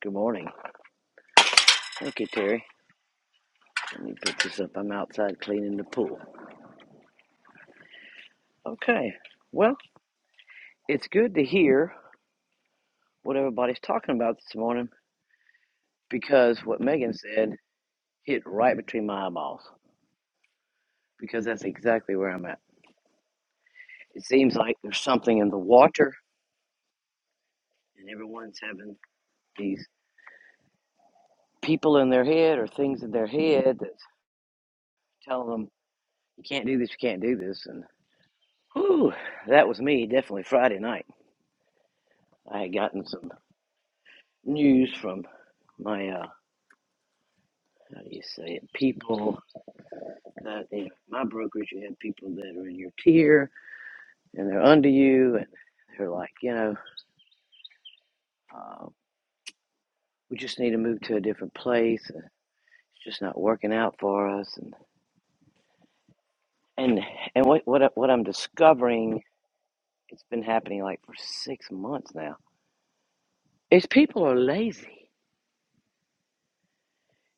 Good morning. Okay, Terry. Let me put this up. I'm outside cleaning the pool. Okay. Well, it's good to hear what everybody's talking about this morning because what Megan said hit right between my eyeballs because that's exactly where I'm at. It seems like there's something in the water and everyone's having these people in their head or things in their head that's telling them, you can't do this, you can't do this. And whew, that was me definitely Friday night. I had gotten some news from my uh, How do you say it? People that you know, my brokerage, you have people that are in your tier and they're under you, and they're like, you know, uh, we just need to move to a different place. and It's just not working out for us, and and and what what I- what I'm discovering, it's been happening like for six months now. Is people are lazy.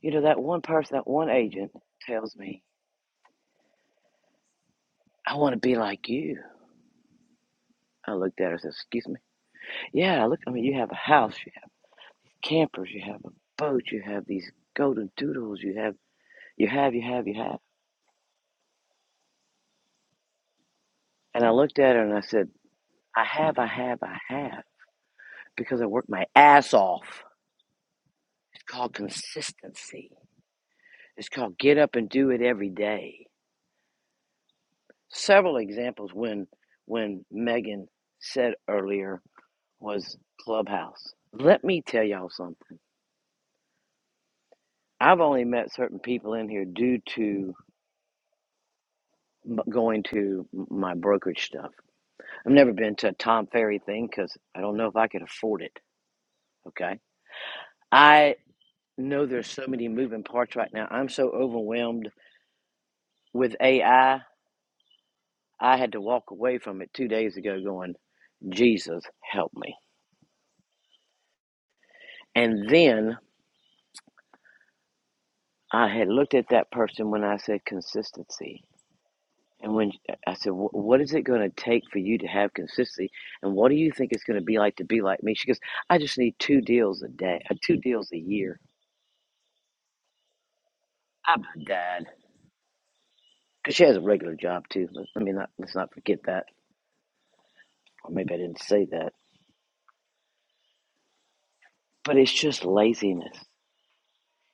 You know, that one person, that one agent tells me, I want to be like you. I looked at her and said, Excuse me. Yeah, look, I mean, you have a house. campers, you have a boat, you have these golden doodles, you have, you have, you have, you have. And I looked at her and I said, I have, I have, I have, because I worked my ass off. It's called consistency. It's called get up and do it every day. Several examples when when Megan said earlier was Clubhouse. Let me tell y'all something. I've only met certain people in here due to going to my brokerage stuff. I've never been to a Tom Ferry thing because I don't know if I could afford it. Okay. I know there's so many moving parts right now. I'm so overwhelmed with AI. I I had to walk away from it two days ago going, Jesus, help me. And then I had looked at that person when I said consistency. And when I said, What is it going to take for you to have consistency? And what do you think it's going to be like to be like me? She goes, I just need two deals a day, uh, two deals a year. I'm done. because she has a regular job too. Let, let me not let's not forget that, or maybe I didn't say that. But it's just laziness.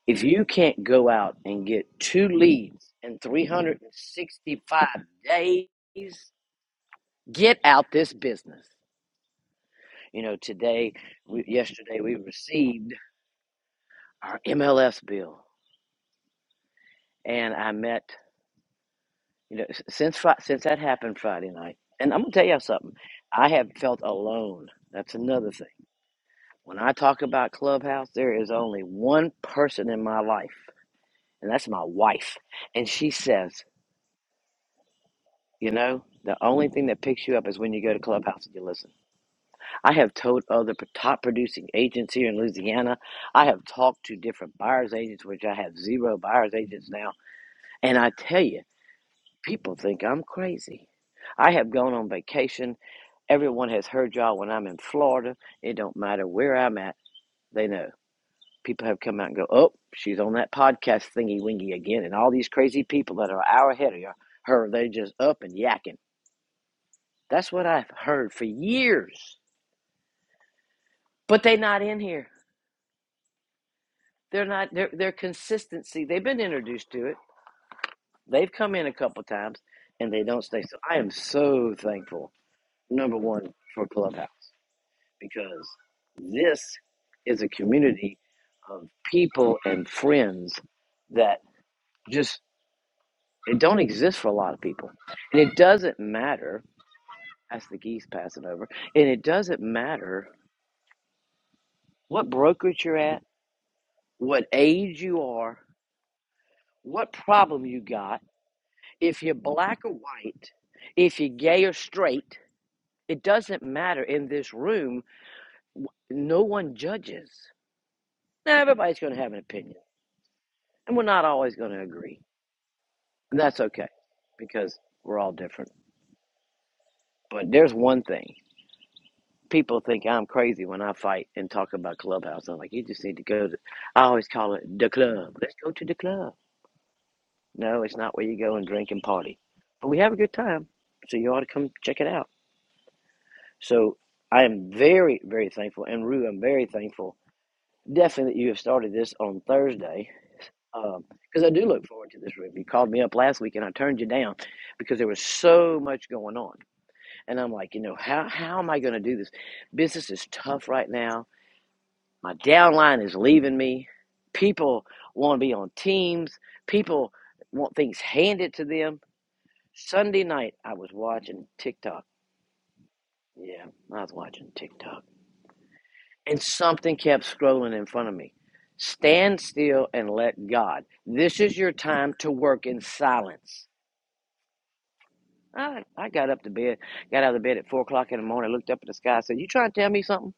If you can't go out and get two leads in 365 days, get out this business. You know, today, we, yesterday, we received our MLS bill, and I met. You know, s- since Fri- since that happened Friday night, and I'm gonna tell y'all something. I have felt alone. That's another thing. When I talk about Clubhouse, there is only one person in my life, and that's my wife. And she says, you know, the only thing that picks you up is when you go to Clubhouse and you listen. I have told other p- top producing agents here in Louisiana. I have talked to different buyers agents, which I have zero buyers agents now. And I tell you, people think I'm crazy. I have gone on vacation. Everyone has heard y'all when I'm in Florida. It don't matter where I'm at, they know. People have come out and go, oh, she's on that podcast thingy wingy again. And all these crazy people that are an hour ahead of her, they're just up and yakking. That's what I've heard for years. But they are not in here. They're not, their, their consistency, they've been introduced to it. They've come in a couple times and they don't stay. So I am so thankful, number one, for Clubhouse because this is a community of people and friends that just It don't exist for a lot of people. And it doesn't matter, that's the geese passing over, and it doesn't matter what brokerage you're at, what age you are, what problem you got, if you're black or white, if you're gay or straight, it doesn't matter in this room. No one judges. Now, everybody's going to have an opinion, and we're not always going to agree. And that's okay because we're all different. But there's one thing. people think I'm crazy when I fight and talk about clubhouse. I'm like, you just need to go to. I always call it the club. Let's go to the club. No, it's not where you go and drink and party, but we have a good time. So you ought to come check it out. So I am very, very thankful, and Rue, I'm very thankful. Definitely, that you have started this on Thursday because I do look forward to this room. You called me up last week, and I turned you down because there was so much going on, and I'm like, you know, how how am I going to do this? Business is tough right now My downline is leaving me. People want to be on teams. People want things handed to them. Sunday night, I was watching TikTok. Yeah, I was watching TikTok. And something kept scrolling in front of me. Stand still and let God. This is your time to work in silence. I, I got up to bed, got out of bed at 4 o'clock in the morning, looked up at the sky, said, You trying to tell me something?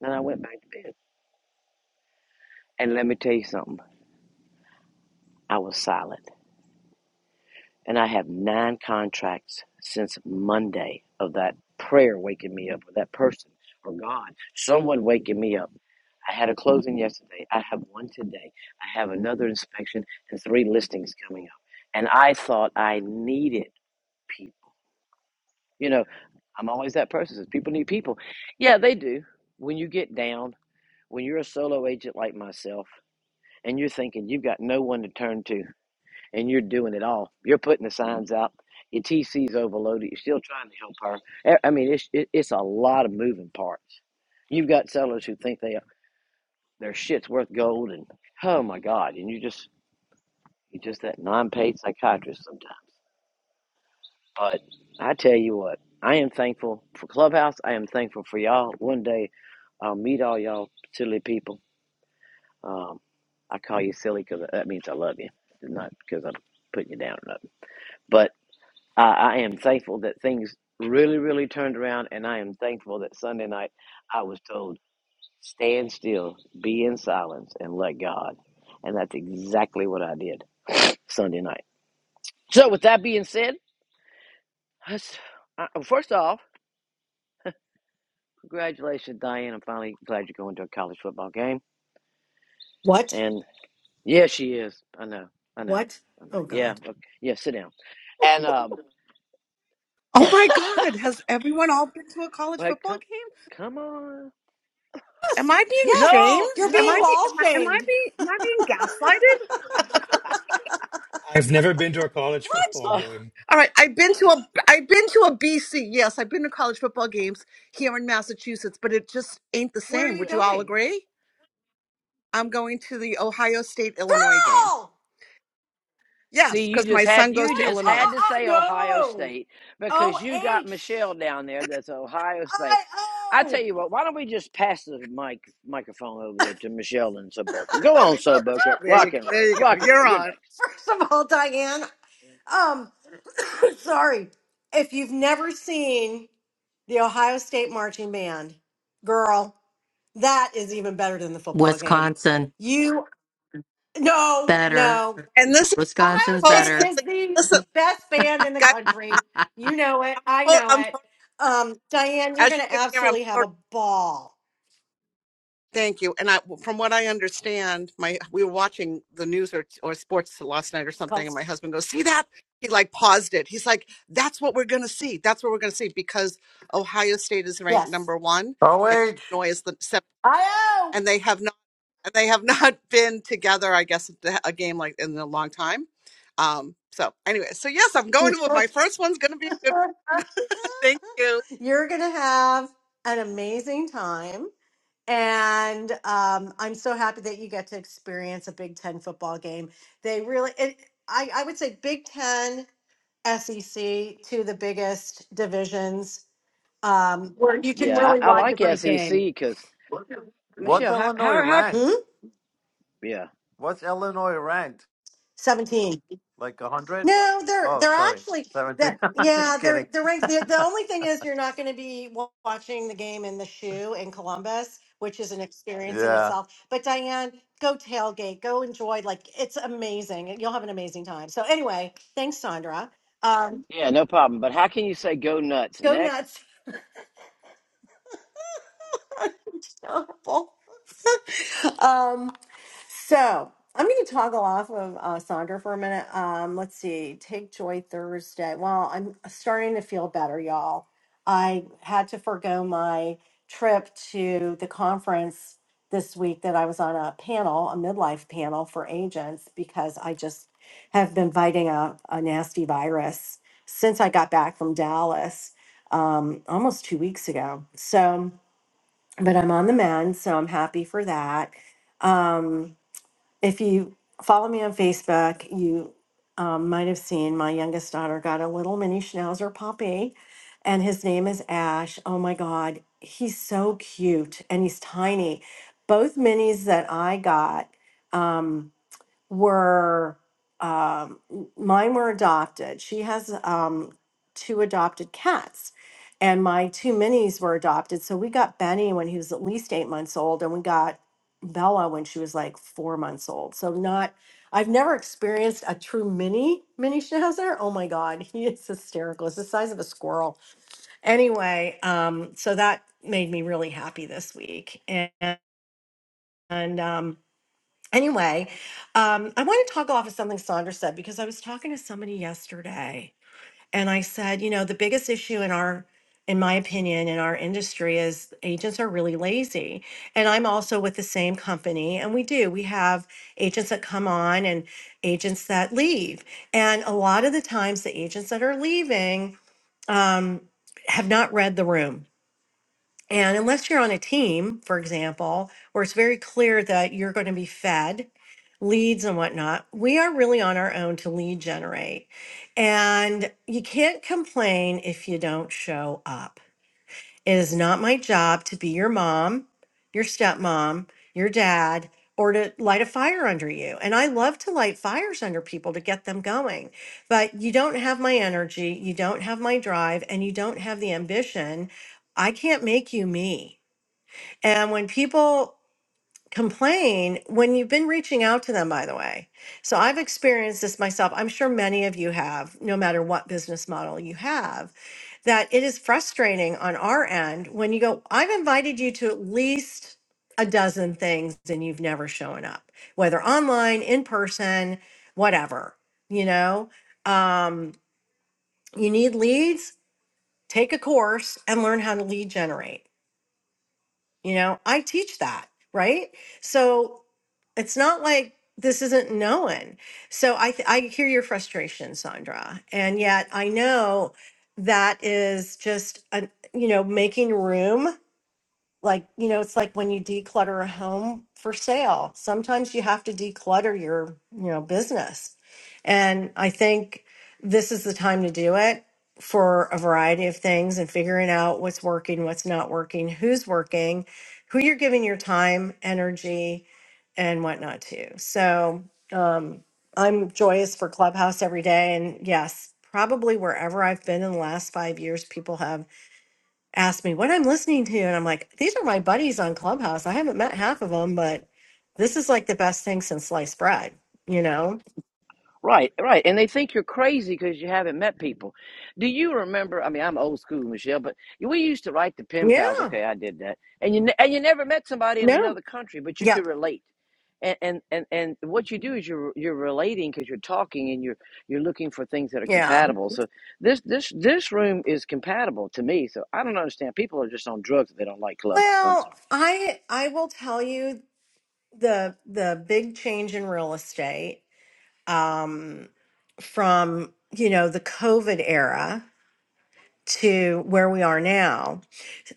And I went back to bed. And let me tell you something. I was silent. and I have nine contracts since Monday of that prayer waking me up, or that person, or God, someone waking me up. I had a closing yesterday. I have one today. I have another inspection and three listings coming up. And I thought I needed people. You know, I'm always that person that says people need people. Yeah, they do. When you get down, when you're a solo agent like myself, and you're thinking you've got no one to turn to, and you're doing it all. You're putting the signs out. Your TC's overloaded. You're still trying to help her. I I mean, it's it, it's a lot of moving parts. You've got sellers who think they their shit's worth gold, and oh my god, and you just you just that non-paid psychiatrist sometimes. But I tell you what, I am thankful for Clubhouse. I am thankful for y'all. One day, I'll meet all y'all silly people. Um, I call you silly because that means I love you, not because I'm putting you down or nothing. Uh, I am thankful that things really, really turned around, and I am thankful that Sunday night I was told, stand still, be in silence, and let God. And that's exactly what I did Sunday night. So, with that being said, let's- uh, first off, congratulations, Diane. I'm finally glad you're going to a college football game. What? And yeah, she is. I know. I know. What? I know. Oh Yeah. God. Okay. Yeah. Sit down. And um, Oh my God, has everyone all been to a college wait, football come, game? come on. Am I being Yes, No, you're shamed? being no. ball shamed. I've never been to a college What? football Uh, game. All right, I've been to a I've been to a BC. Yes, I've been to college football games here in Massachusetts, but it just ain't the Where are same. you well. Would you all going? agree? I'm going to the Ohio State Illinois game. Oh, See, Yes, you cuz just my had son goes you to oh, just Illinois. oh, had to oh, say Ohio no. State O because you got H Michelle down there. That's Ohio State. I I tell O. you what, why don't we just pass the mic microphone over there to Michelle and Soboka? Go on, Soboka, There you rock go. and roll, There you go. rock and roll. You're You're on. next. First of all, Diane. Um, sorry. If you've never seen the Ohio State marching band, girl, that is even better than the football game. Wisconsin, You no, better. no. And this is Ohio Wisconsin's State better. supposedly is the listen, best band in the guys, country. You know it. I know I'm it. tot- Um, Diane, you're as going you to can hear, absolutely I'm have a ball. Thank you. And I, from what I understand, my we were watching the news or, or sports last night or It's something, called, and my husband goes, "See that?" He like paused it. He's like, "That's what we're gonna see. That's what we're gonna see because Ohio State is ranked yes. number one, OH, and wait, Illinois is the seventh, I and they have not and they have not been together. I guess a a game like in a long time. Um. So anyway, so yes, I'm know. going to my first one's gonna be a good one. Thank you. you're going to have an amazing time. And um, I'm so happy that you get to experience a Big Ten football game. They really, it, I, I would say Big Ten, SEC, two of the biggest divisions um, where you can Yeah, really I, I watch a like great SEC game. because what's Michelle, how Illinois how how? Hmm? ranked? Yeah, What's Illinois ranked? 17. Like 100? No, they're Oh, they're sorry. actually that 17. yeah, just they're kidding. they're right. The, the only thing is you're not going to be wa- watching the game in the shoe in Columbus, which is an experience in Yeah. itself. But Diane, go tailgate, go enjoy like it's amazing. You'll have an amazing time. So anyway, thanks Sandra. Um yeah, no problem. But how can you say go nuts go next? nuts. It's um So I'm going to toggle off of uh, Sandra for a minute. Um, let's see. Take Joy Thursday. Well, I'm starting to feel better, y'all. I had to forego my trip to the conference this week that I was on a panel, a midlife panel for agents, because I just have been fighting a, a nasty virus since I got back from Dallas um, almost two weeks ago. So, but I'm on the mend, so I'm happy for that. Um, if you follow me on Facebook, you um, might have seen my youngest daughter got a little mini schnauzer puppy, and his name is Ash. Oh my God, he's so cute and he's tiny. Both minis that I got. um, were um, mine were adopted. She has um, two adopted cats, and my two minis were adopted. So we got Benny when he was at least eight months old, and we got Bella when she was like four months old. So not. I've never experienced a true mini mini schnauzer. Oh my god, he is hysterical. It's the size of a squirrel. Anyway, um, so that made me really happy this week, and, and um, Anyway, um, I want to talk off of something Sandra said because I was talking to somebody yesterday and I said, you know, the biggest issue in our, in my opinion, in our industry is agents are really lazy. And I'm also with the same company and we do. We have agents that come on and agents that leave. And a lot of the times the agents that are leaving um, have not read the room and unless you're on a team, for example, where it's very clear that you're going to be fed leads and whatnot, we are really on our own to lead generate. And you can't complain if you don't show up. It is not my job to be your mom, your stepmom, your dad, or to light a fire under you. And I love to light fires under people to get them going. But you don't have my energy, you don't have my drive, and you don't have the ambition. I can't make you me. And when people complain when you've been reaching out to them, by the way. So I've experienced this myself. I'm sure many of you have, no matter what business model you have, that it is frustrating on our end when you go, I've invited you to at least a dozen things and you've never shown up, whether online, in person, whatever, you know? Um, you need leads, take a course and learn how to lead generate you know, I teach that, right? So it's not like this isn't known. So I th- I hear your frustration, Sandra, and yet I know that is just a, you know making room like you know it's like when you declutter a home for sale sometimes you have to declutter your you know business and i think this is the time to do it for a variety of things and figuring out what's working what's not working who's working who you're giving your time energy and whatnot to so um, i'm joyous for clubhouse every day and yes probably wherever i've been in the last five years people have asked me what I'm listening to, and I'm like, these are my buddies on Clubhouse. I haven't met half of them, but this is like the best thing since sliced bread, you know? Right, right. And they think you're crazy because you haven't met people. Do you remember? I mean, I'm old school, Michelle, but we used to write the pen pals. Yeah. Okay, I did that. And you ne- and you never met somebody in No. another country, but you could Yep. relate. And and and, and what you do is you're you're relating because you're talking and you're you're looking for things that are Yeah. compatible. So this this this room is compatible to me. So I don't understand. People are just on drugs if they don't like Clubhouse. I'm Well, sorry. I I will tell you the the big change in real estate um from, you know, the COVID era to where we are now.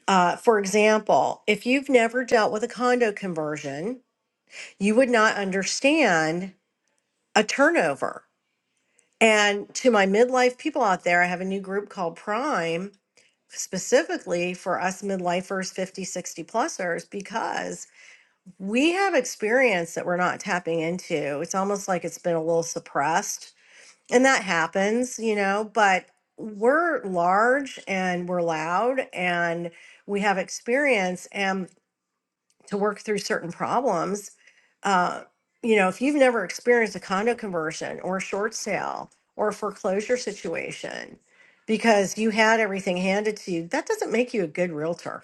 Uh, for example, if you've never dealt with a condo conversion, you would not understand a turnover. And to my midlife people out there, I have a new group called Prime specifically for us midlifers fifty, sixty 60 plusers because we have experience that we're not tapping into it's almost like it's been a little suppressed and that happens you know but we're large and we're loud and we have experience and to work through certain problems. Uh, you know, if you've never experienced a condo conversion or a short sale or a foreclosure situation because you had everything handed to you, that doesn't make you a good realtor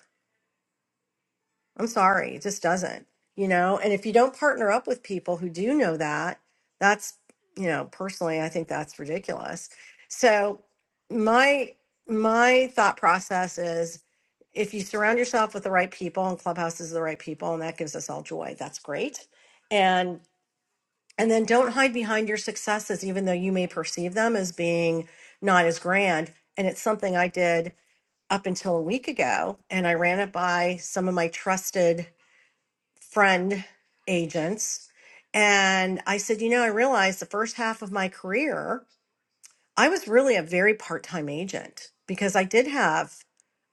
I'm sorry, it just doesn't, you know? And if you don't partner up with people who do know that, that's, you know, personally, I think that's ridiculous. So my my thought process is if you surround yourself with the right people and clubhouse is the right people and that gives us all joy, that's great. And and then don't hide behind your successes, even though you may perceive them as being not as grand. And it's something I did up until a week ago. And I ran it by some of my trusted friend agents. And I said, you know, I realized the first half of my career, I was really a very part time agent because I did have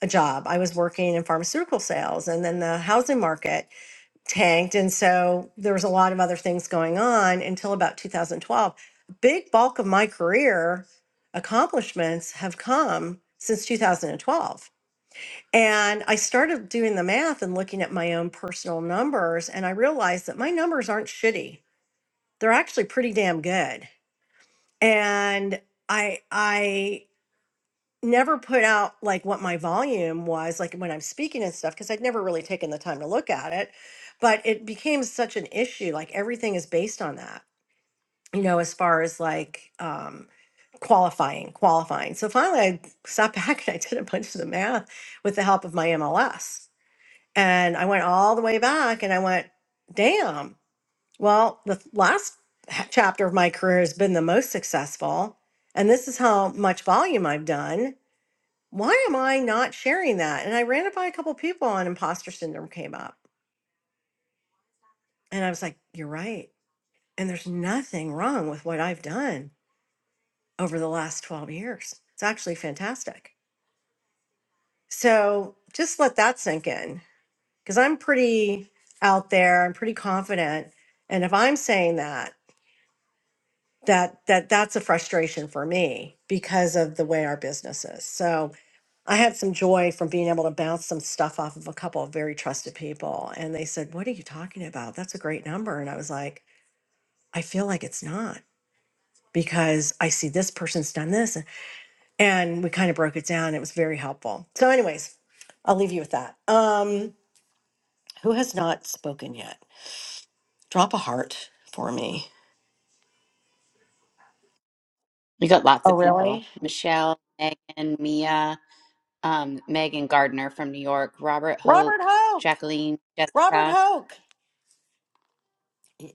a job. I was working in pharmaceutical sales and then the housing market tanked. And so there was a lot of other things going on until about 2012. Big bulk of my career accomplishments have come since 2012 and I started doing the math and looking at my own personal numbers, and I realized that my numbers aren't shitty. They're actually pretty damn good. And I I never put out like what my volume was like when I'm speaking and stuff because I'd never really taken the time to look at it. But it became such an issue. Like everything is based on that, you know, as far as like um, qualifying, qualifying. So finally, I sat back and I did a bunch of the math with the help of my MLS And I went all the way back and I went, damn, well, the th- last h- chapter of my career has been the most successful. And this is how much volume I've done. Why am I not sharing that? And I ran it by a couple people on imposter syndrome came up. And I was like, you're right. And there's nothing wrong with what I've done over the last 12 years. It's actually fantastic. So just let that sink in because I'm pretty out there. I'm pretty confident. And if I'm saying that, that that that's a frustration for me because of the way our business is. So I had some joy from being able to bounce some stuff off of a couple of very trusted people. And they said, What are you talking about? That's a great number. And I was like, I feel like it's not because I see this person's done this. And we kind of broke it down. It was very helpful. So, anyways, I'll leave you with that. Um, who has not spoken yet? Drop a heart for me. We got lots Oh, of people. really? Michelle, Megan, Mia, um, Megan Gardner from New York, Robert Robert Hoke, Hoke. Jacqueline, Jessica. Robert Carly, Hoke.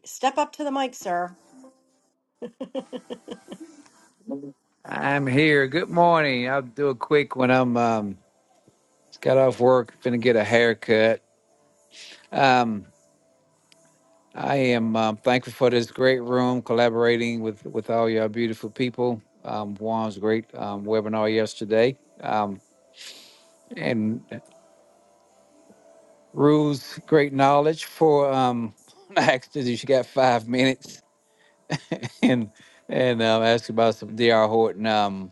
Step up to the mic, sir. I'm here. Good morning. I'll do a quick one. I'm um, just got off work, finna get a haircut. Um, I am um, thankful for this great room, collaborating with with all y'all beautiful people. Um, Juan's great um, webinar yesterday, um, and Rue's great knowledge for. Um, I asked her if she got five minutes, and and um, asked about some Dr. Horton. Um,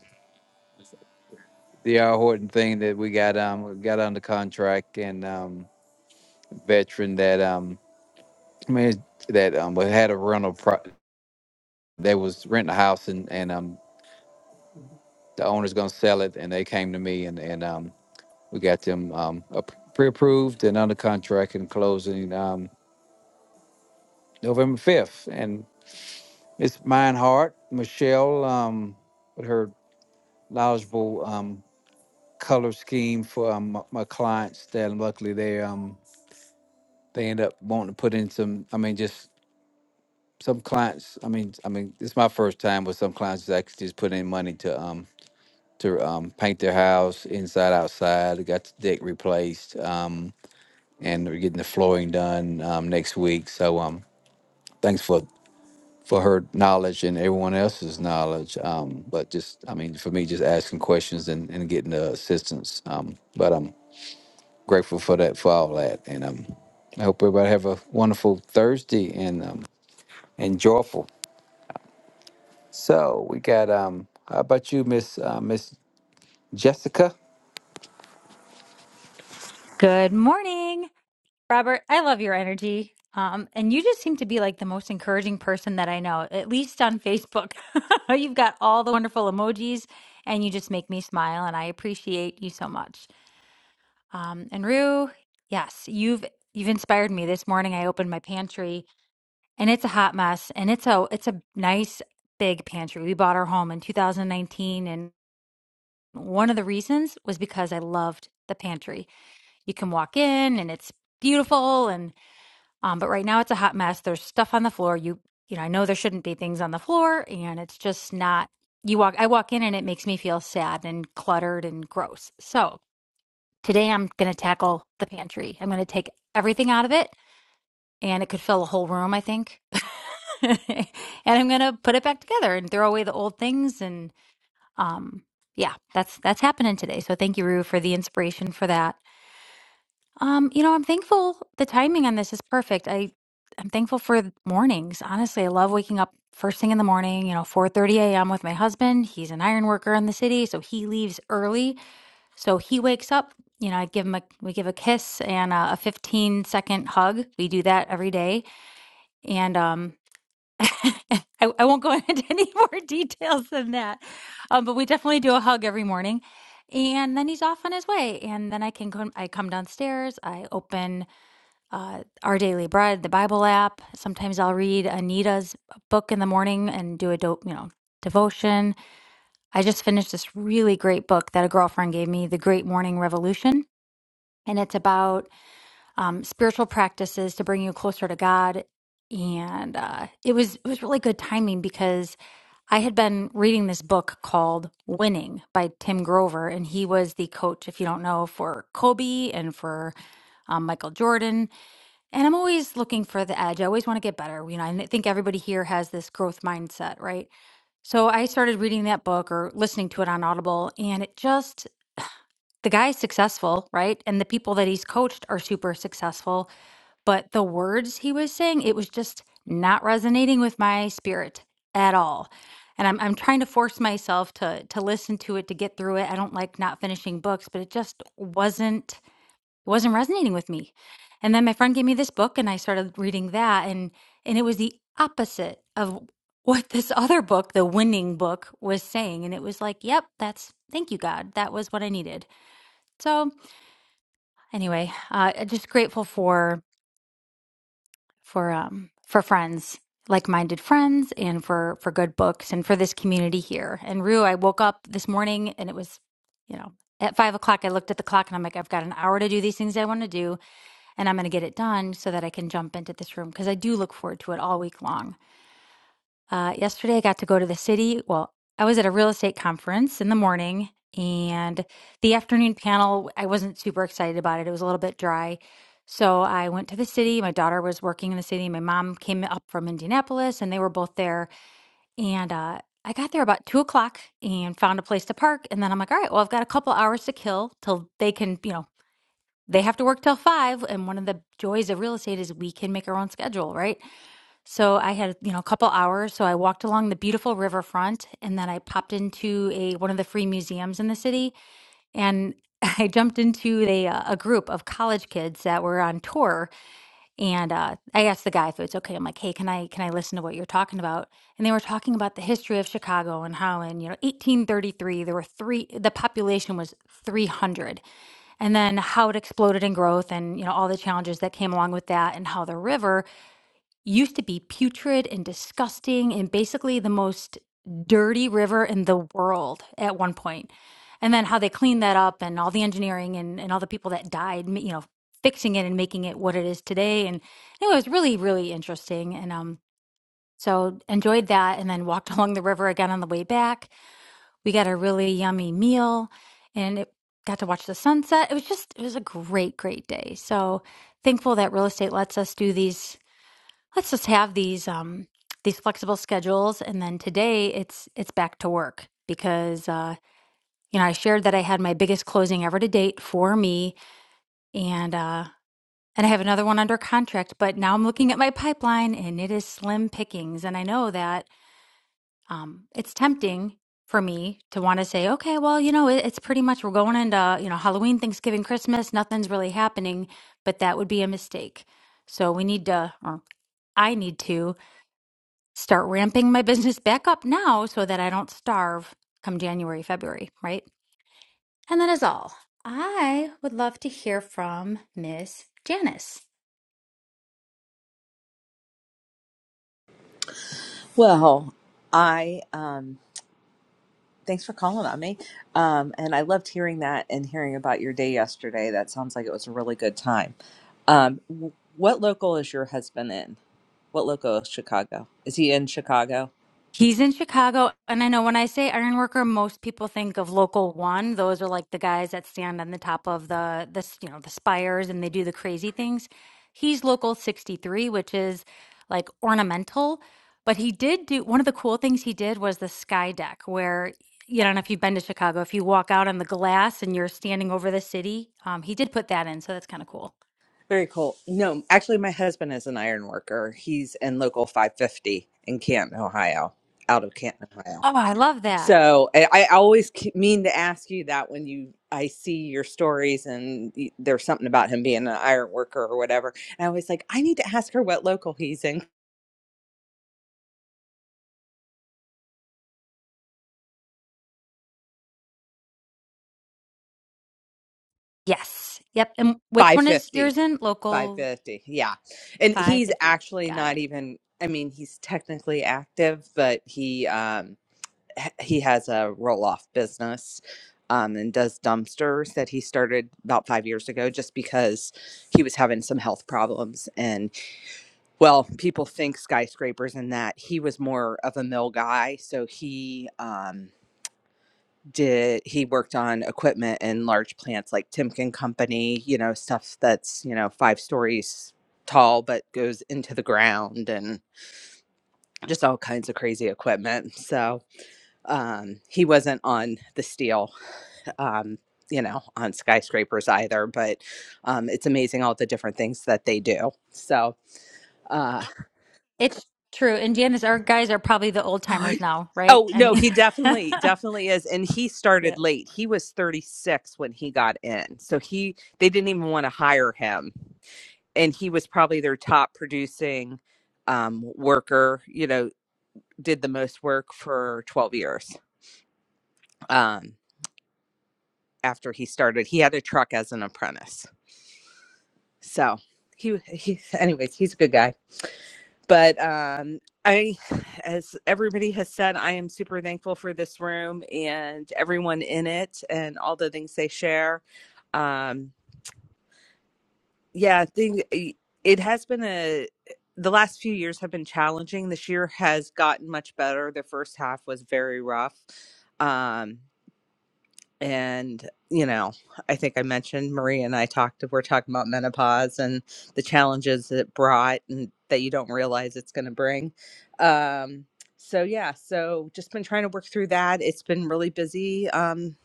Dr. Horton thing that we got um got under contract and um veteran that um man that um we had a rental pro- they was renting a house and and um the owner's gonna sell it and they came to me and and um we got them um ap- pre-approved and under contract and closing um November 5th and it's mine heart Michelle um with her knowledgeable um color scheme for um, my, my clients that luckily they um they end up wanting to put in some I mean just some clients I mean I mean it's my first time with some clients that actually just put in money to um to um, paint their house inside outside. They got the deck replaced, um, and we're getting the flooring done um, next week. So um, thanks for for her knowledge and everyone else's knowledge. Um, but just I mean, for me, just asking questions and, and getting the assistance. Um, but I'm grateful for that for all that, and um, I hope everybody have a wonderful Thursday and um, and joyful. So we got um, how about you, Miss uh, Miss Jessica? Good morning, Robert. I love your energy. Um, and you just seem to be like the most encouraging person that I know, at least on Facebook. You've got all the wonderful emojis and you just make me smile and I appreciate you so much. Um, and Rue, yes, you've you've inspired me. This morning I opened my pantry and it's a hot mess and it's a it's a nice big pantry. We bought our home in 2019 and one of the reasons was because I loved the pantry. You can walk in and it's beautiful Um, but right now it's a hot mess. There's stuff on the floor. You you know, I know there shouldn't be things on the floor and it's just not you walk I walk in and it makes me feel sad and cluttered and gross. So today I'm gonna tackle the pantry. I'm gonna take everything out of it and it could fill a whole room, I think. and I'm gonna put it back together and throw away the old things and um yeah, that's that's happening today. So thank you, Rue, for the inspiration for that. Um, you know, I'm thankful the timing on this is perfect. I I'm thankful for th- mornings. Honestly, I love waking up first thing in the morning, you know, 4:30 a.m. with my husband. He's an iron worker in the city, so he leaves early. So he wakes up, you know, I give him a we give a kiss and a, a 15 second hug. We do that every day. And um I, I won't go into any more details than that. Um, but we definitely do a hug every morning. And then he's off on his way. And then I can come I come downstairs, I open uh, Our Daily Bread, the Bible app. Sometimes I'll read Anita's book in the morning and do a dope, you know, devotion. I just finished this really great book that a girlfriend gave me, The Great Morning Revolution, and it's about um, spiritual practices to bring you closer to God. And uh, it was it was really good timing because I had been reading this book called Winning by Tim Grover, and he was the coach, if you don't know, for Kobe and for um, Michael Jordan. And I'm always looking for the edge. I always want to get better. You know, I think everybody here has this growth mindset, right? So I started reading that book or listening to it on Audible, and it just, the guy's successful, right? And the people that he's coached are super successful. But the words he was saying, it was just not resonating with my spirit at all. And I'm, I'm trying to force myself to to listen to it to get through it. I don't like not finishing books, but it just wasn't it wasn't resonating with me. And then my friend gave me this book and I started reading that and and it was the opposite of what this other book, the winning book, was saying. And it was like, yep, that's thank you, God. That was what I needed. So anyway, uh just grateful for for um for friends, like-minded friends and for for good books and for this community here. And Rue, I woke up this morning and it was, you know, at five o'clock I looked at the clock and I'm like, I've got an hour to do these things I want to do and I'm going to get it done so that I can jump into this room because I do look forward to it all week long. Uh, yesterday, I got to go to the city. Well, I was at a real estate conference in the morning, and the afternoon panel, I wasn't super excited about it. It was a little bit dry. So I went to the city. My daughter was working in the city. My mom came up from Indianapolis, and they were both there. And uh, I got there about two o'clock and found a place to park. And then I'm like, all right, well, I've got a couple hours to kill till they can, you know, they have to work till five and one of the joys of real estate is we can make our own schedule right so i had you know a couple hours so i walked along the beautiful riverfront and then i popped into a one of the free museums in the city and i jumped into a, uh, a group of college kids that were on tour and uh, I asked the guy if it's okay. I'm like, hey, can I can I listen to what you're talking about? And they were talking about the history of Chicago and how in you know 1833 there were three the population was 300, and then how it exploded in growth and you know all the challenges that came along with that, and how the river used to be putrid and disgusting and basically the most dirty river in the world at one point. And then how they cleaned that up and all the engineering and, and all the people that died, ma- you know, fixing it and making it what it is today. And anyway, it was really, really interesting. And um, so enjoyed that and then walked along the river again on the way back. We got a really yummy meal and it got to watch the sunset. It was just, it was a great, great day. So thankful that real estate lets us do these let's just have these um these flexible schedules and then today it's it's back to work because uh you know i shared that i had my biggest closing ever to date for me and uh and i have another one under contract but now i'm looking at my pipeline and it is slim pickings and i know that um it's tempting for me to want to say okay well you know it, it's pretty much we're going into you know halloween thanksgiving christmas nothing's really happening but that would be a mistake so we need to or i need to start ramping my business back up now so that I don't starve come January, February, right? And that is all. I would love to hear from Miss Janice. Well, I um thanks for calling on me. Um and I loved hearing that and hearing about your day yesterday. That sounds like it was a really good time. Um w- what local is your husband in? What local is Chicago? Is he in Chicago? He's in Chicago. And I know when I say iron worker, most people think of local one. Those are like the guys that stand on the top of the, the s- you know, the spires and they do the crazy things. He's local 63, which is like ornamental. But he did do one of the cool things he did was the sky deck, where you don't know if you've been to Chicago, if you walk out on the glass and you're standing over the city, um, he did put that in. So that's kind of cool. Very cool. No, actually, my husband is an iron worker. He's in local 550 in Canton, Ohio, out of Canton, Ohio. Oh, I love that. So I I always ke- mean to ask you that when you I see your stories and y- there's something about him being an iron worker or whatever. And I always like, I need to ask her what local he's in. Yes. Yep. And which one is 550. yours in? Local 550. Yeah. And he's 550. actually Got it. not even I mean, he's technically active, but he um h- he has a roll-off business um and does dumpsters that he started about 5 years ago just because he was having some health problems and. well, people think skyscrapers and that he was more of a mill guy. So he um, did, he worked on equipment in large plants like Timken Company, you know, stuff that's, you know, five stories tall but goes into the ground and just all kinds of crazy equipment. So um, he wasn't on the steel. Um, you know, on skyscrapers either, but um, it's amazing all the different things that they do. So, uh, It's true. And Janice, our guys are probably the old timers now, right? Oh I no, mean, he definitely definitely is and he Yeah. started late. He was 36 when he got in. So he they didn't even want to hire him and he was probably their top producing um worker, you know, did the most work for 12 years. Um after he started, he had a truck as an apprentice. So he, he anyways, he's a good guy. but um i as everybody has said i am super thankful for this room and everyone in it and all the things they share um yeah i think it has been a the last few years have been challenging this year has gotten much better the first half was very rough um and you know i think i mentioned Maria and i talked we're talking about menopause and the challenges it brought and that you don't realize it's going to bring um so yeah so just been trying to work through that it's been really busy um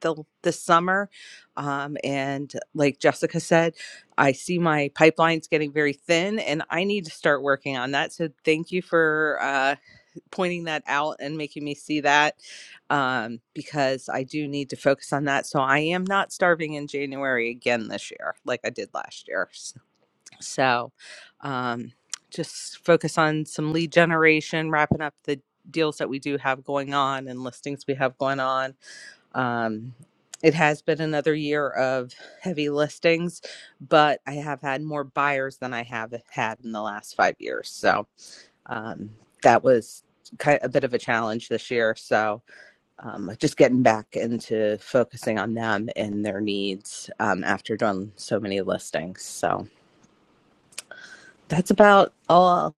the this summer um and like jessica said i see my pipelines getting very thin and i need to start working on that so thank you for uh pointing that out and making me see that um, because I do need to focus on that. So I am not starving in January again this year, like I did last year. So um, just focus on some lead generation, wrapping up the deals that we do have going on and listings we have going on. Um, it has been another year of heavy listings, but I have had more buyers than I have had in the last five years. So um, that was kind of a bit of a challenge this year. So um, just getting back into focusing on them and their needs um, after doing so many listings. So that's about all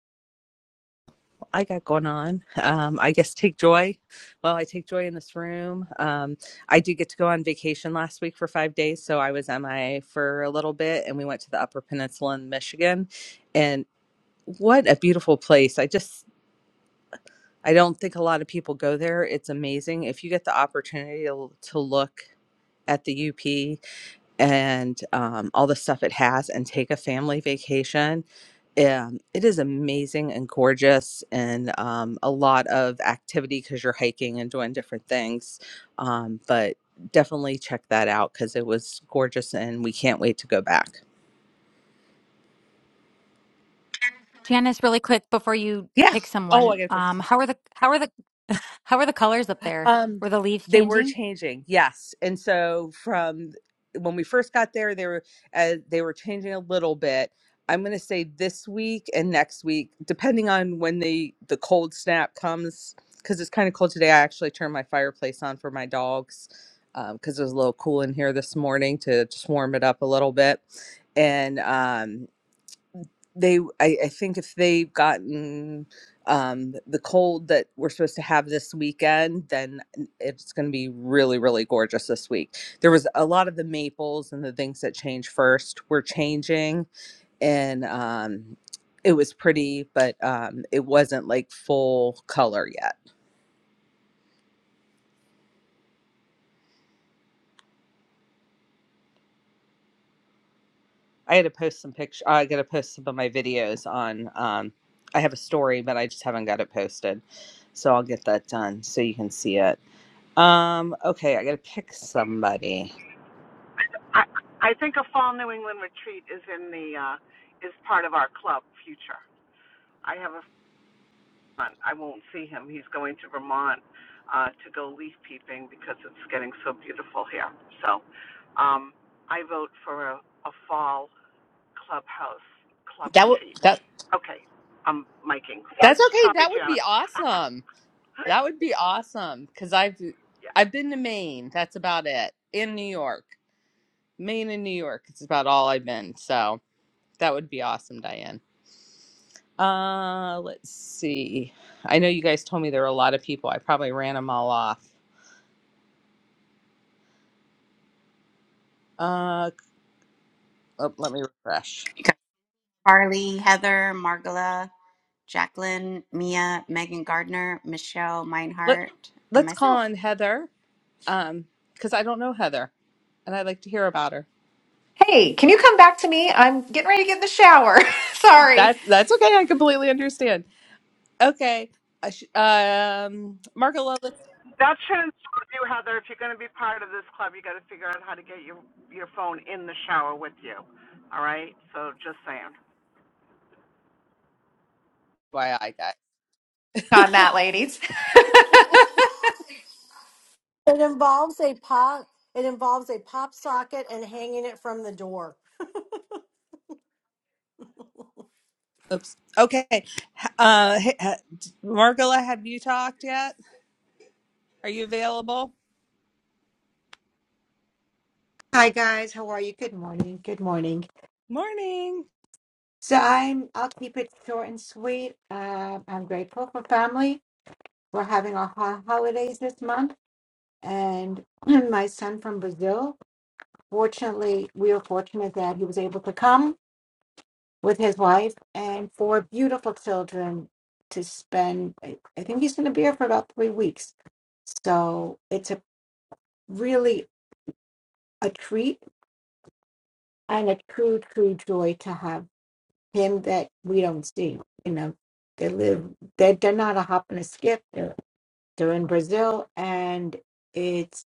I got going on. Um, I guess take joy. Well, I take joy in this room. Um, I did get to go on vacation last week for five days. So I was MIA for a little bit and we went to the Upper Peninsula in Michigan. And what a beautiful place. I just I don't think a lot of people go there. It's amazing. If you get the opportunity to to look at the UP and um, all the stuff it has and take a family vacation, um, it is amazing and gorgeous and um, a lot of activity because you're hiking and doing different things. Um, but definitely check that out because it was gorgeous and we can't wait to go back. Janice, really quick before you Yeah. pick Oh, someone, I got to pick um, how are the how are the how are the colors up there? Um, Were the leaves they were changing? changing, yes. And so from when we first got there, they were uh, they were changing a little bit. I'm going to say this week and next week, depending on when the the cold snap comes, because it's kind of cold today. I actually turned my fireplace on for my dogs because it was a little cool in here this morning to just warm it up a little bit, and um, they I, I think if they've gotten um, the cold that we're supposed to have this weekend then it's going to be really really gorgeous this week there was a lot of the maples and the things that change first were changing and um, it was pretty, but um, it wasn't like full color yet. I had to post some picture. I got to post some of my videos on. Um, I have a story, but I just haven't got it posted, so I'll get that done so you can see it. Um, okay, I got to pick somebody. I I think a fall New England retreat is in the uh, is part of our club future. I have a son. I won't see him. He's going to Vermont uh, to go leaf peeping because it's getting so beautiful here. So um, I vote for a, a fall clubhouse club That would retreat. that Okay, I'm miking. that's okay. Sorry, That would be Janice. awesome. That would be awesome because I've yeah. I've been to Maine. That's about it. In New York, Maine and New York. It's about all I've been. So that would be awesome, Diane. Uh, let's see. I know you guys told me there were a lot of people. I probably ran them all off. Uh, oh, let me refresh. Heather, Margala, Jacqueline, Mia, Megan Gardner, Michelle Let Meinhardt, and Let's call myself. on Heather. Um, because I don't know Heather, and I'd like to hear about her. Hey, can you come back to me? I'm getting ready to get in the shower. Sorry That that's okay. I completely understand. Okay. I sh- um, Marco, let's. That shouldn't stop you, Heather. If you're going to be part of this club, you got to figure out how to get your your phone in the shower with you. All right. So just saying. Why I guess. on that, ladies. It involves a pop. It involves a pop socket and hanging it from the door. Oops. Okay. Uh, hey, uh, Margola, have you talked yet? Are you available? Hi guys, how are you? Good morning. Good morning. Morning. So I'm I'll keep it short and sweet. Um, I'm grateful for family. We're having our ho- holidays this month, and my son from Brazil. Fortunately, we were fortunate that he was able to come with his wife and four beautiful children to spend. I I think he's going to be here for about three weeks. So it's a really a treat and a true, true joy to have him that we don't see. You know, they live. They they're not a hop and a skip. They're, they're in Brazil, and it's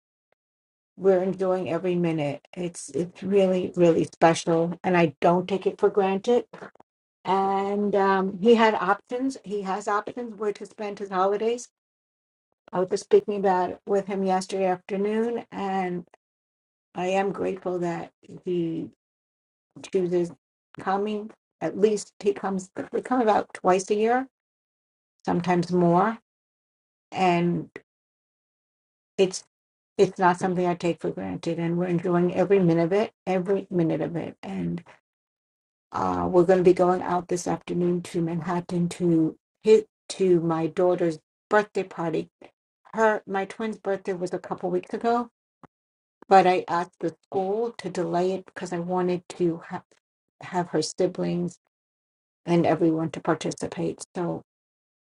we're enjoying every minute. It's it's really really special, and I don't take it for granted. And um, he had options. He has options where to spend his holidays. I was just speaking about it with him yesterday afternoon, and I am grateful that he chooses coming. At least he comes. We come about twice a year, sometimes more. And it's it's not something I take for granted. And we're enjoying every minute of it, every minute of it. And uh, we're going to be going out this afternoon to Manhattan to hit to my daughter's birthday party. Her my twin's birthday was a couple weeks ago, but I asked the school to delay it because I wanted to ha- have her siblings and everyone to participate. So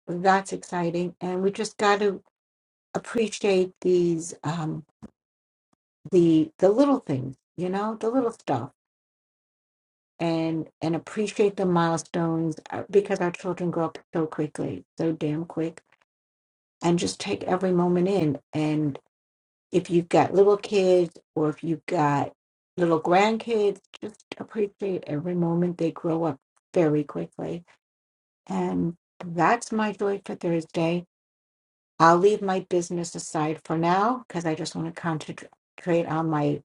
that's exciting, and we just got to appreciate these. Um, the the little things you know the little stuff and and appreciate the milestones uh, because our children grow up so quickly so damn quick and just take every moment in and if you've got little kids or if you've got little grandkids just appreciate every moment they grow up very quickly and that's my joy for thursday i'll leave my business aside for now because i just want to concentrate on my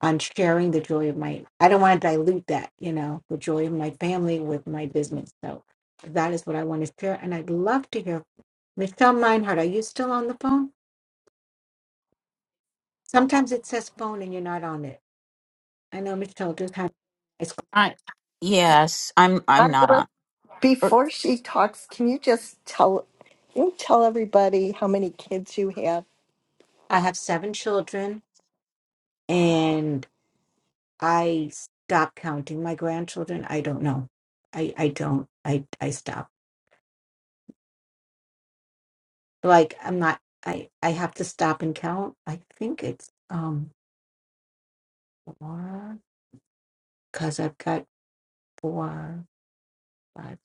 on sharing the joy of my i don't want to dilute that you know the joy of my family with my business so that is what i want to share and i'd love to hear michelle meinhardt are you still on the phone sometimes it says phone and you're not on it i know michelle just had it's, I yes, I'm I'm not Margaret, on. er, before she talks, can you just tell can you tell everybody how many kids you have? i have seven children and i stopped counting my grandchildren i don't know i i don't i i stop like i'm not i i have to stop and count i think it's um because i've got four, five,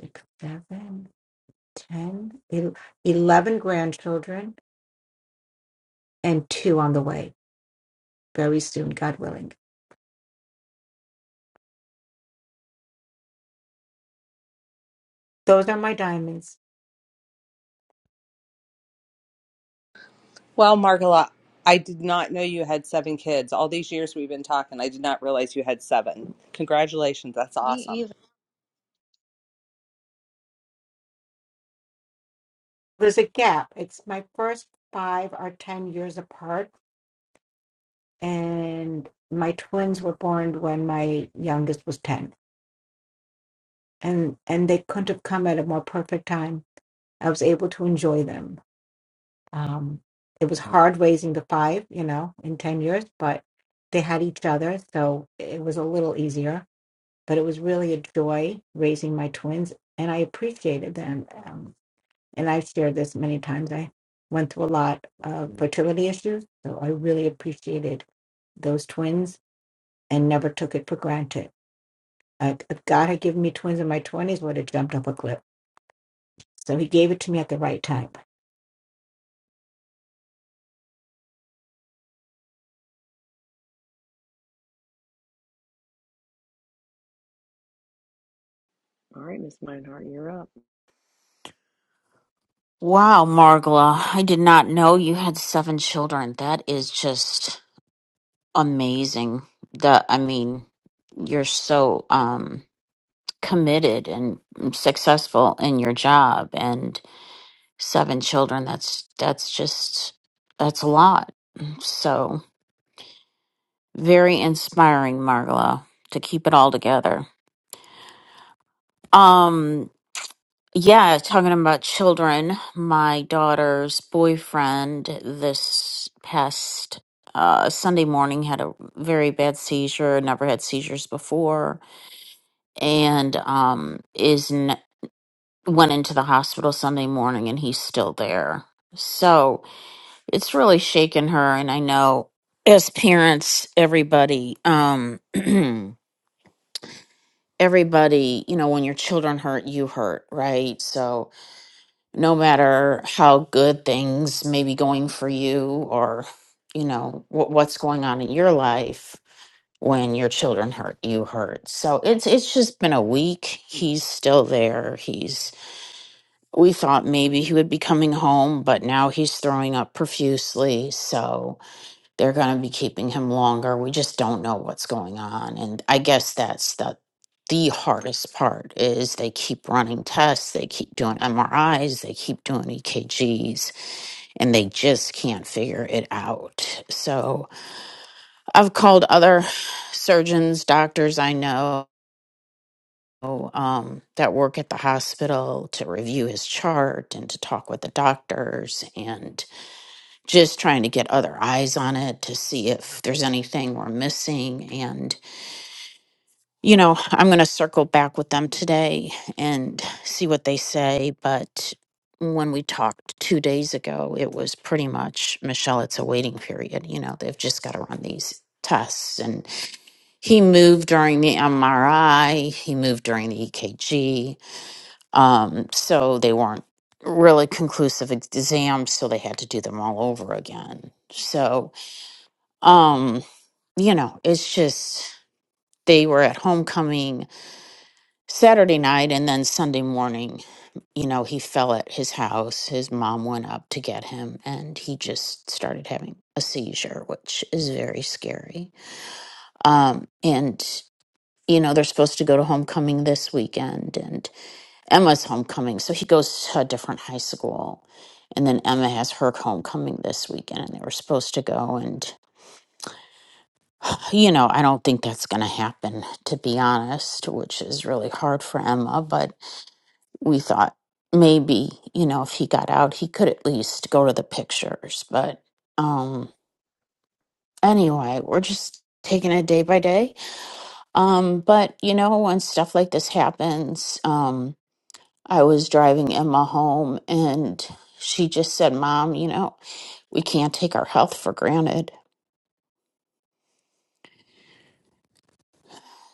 six, seven, ten, el- eleven grandchildren, and two on the way very soon, God willing. Those are my diamonds. Well, Margola, I did not know you had seven kids. All these years we've been talking, I did not realize you had seven. Congratulations. That's Me awesome. either. There's a gap. It's my first five are 10 years apart, and my twins were born when my youngest was 10. And, and they couldn't have come at a more perfect time. I was able to enjoy them Um, it was hard raising the five, you know, in 10 years, but they had each other. So it was a little easier, but it was really a joy raising my twins. And I appreciated them. Um, and I've shared this many times. I went through a lot of fertility issues. So I really appreciated those twins and never took it for granted. Uh, if God had given me twins in my 20s, would have jumped up a cliff. So he gave it to me at the right time. All right, Miss Meinhardt, you're up. Wow, Margla, I did not know you had seven children. That is just amazing. The I mean, you're so um committed and successful in your job and seven children. That's that's just that's a lot. So, very inspiring, Margla, to keep it all together. Um Yeah, talking about children, my daughter's boyfriend this past uh, Sunday morning had a very bad seizure, never had seizures before, and um, is n- went into the hospital Sunday morning and he's still there. So it's really shaken her. And I know as parents, everybody, um, everybody, you know, when your children hurt, you hurt, right? So no matter how good things may be going for you or you know what what's going on in your life when your children hurt you hurt so it's it's just been a week he's still there he's we thought maybe he would be coming home but now he's throwing up profusely so they're going to be keeping him longer. We just don't know what's going on. And I guess that's the the hardest part is they keep running tests, they keep doing MRIs, they keep doing EKGs, and they just can't figure it out. So I've called other surgeons, doctors I know um, that work at the hospital to review his chart and to talk with the doctors. and just trying to get other eyes on it to see if there's anything we're missing. And, you know, I'm going to circle back with them today and see what they say. But when we talked two days ago, it was pretty much Michelle, it's a waiting period. You know, they've just got to run these tests. And he moved during the MRI, he moved during the EKG. Um, so they weren't really conclusive ex- exams. So they had to do them all over again. So, um you know it's just they were at homecoming saturday night and then sunday morning you know he fell at his house his mom went up to get him and he just started having a seizure which is very scary um and you know they're supposed to go to homecoming this weekend and emma's homecoming so he goes to a different high school and then emma has her homecoming this weekend and they were supposed to go and. you know, I don't think that's going to happen, to be honest, which is really hard for Emma. But we thought maybe, you know, if he got out, he could at least go to the pictures. But um, anyway, we're just taking it day by day. Um, but, you know, when stuff like this happens, um, I was driving Emma home and she just said, Mom, you know, we can't take our health for granted.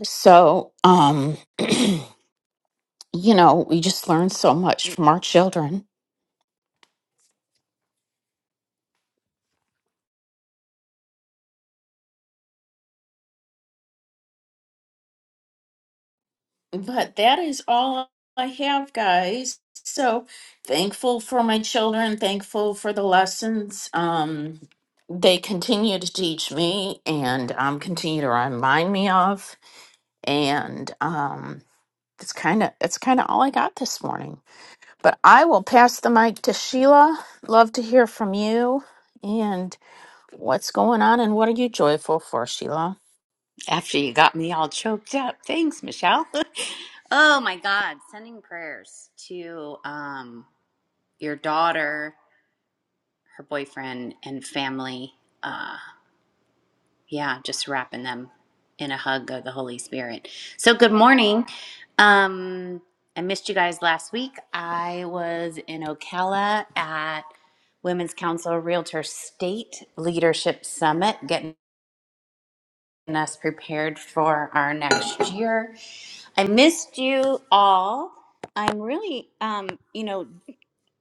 So, um, you know, we just learn so much from our children But that is all I have, guys. So thankful for my children, thankful for the lessons um, they continue to teach me and um, continue to remind me of. And um, it's kind of it's kind of all I got this morning. But I will pass the mic to Sheila. Love to hear from you and what's going on and what are you joyful for, Sheila? After you got me all choked up. Thanks, Michelle. oh my God. Sending prayers to um, your daughter, her boyfriend, and family. Uh, Yeah, just wrapping them in a hug of the Holy Spirit. So, good morning. Um, I missed you guys last week. I was in Ocala at Women's Council Realtor State Leadership Summit, getting us prepared for our next year. I missed you all. I'm really, um, you know,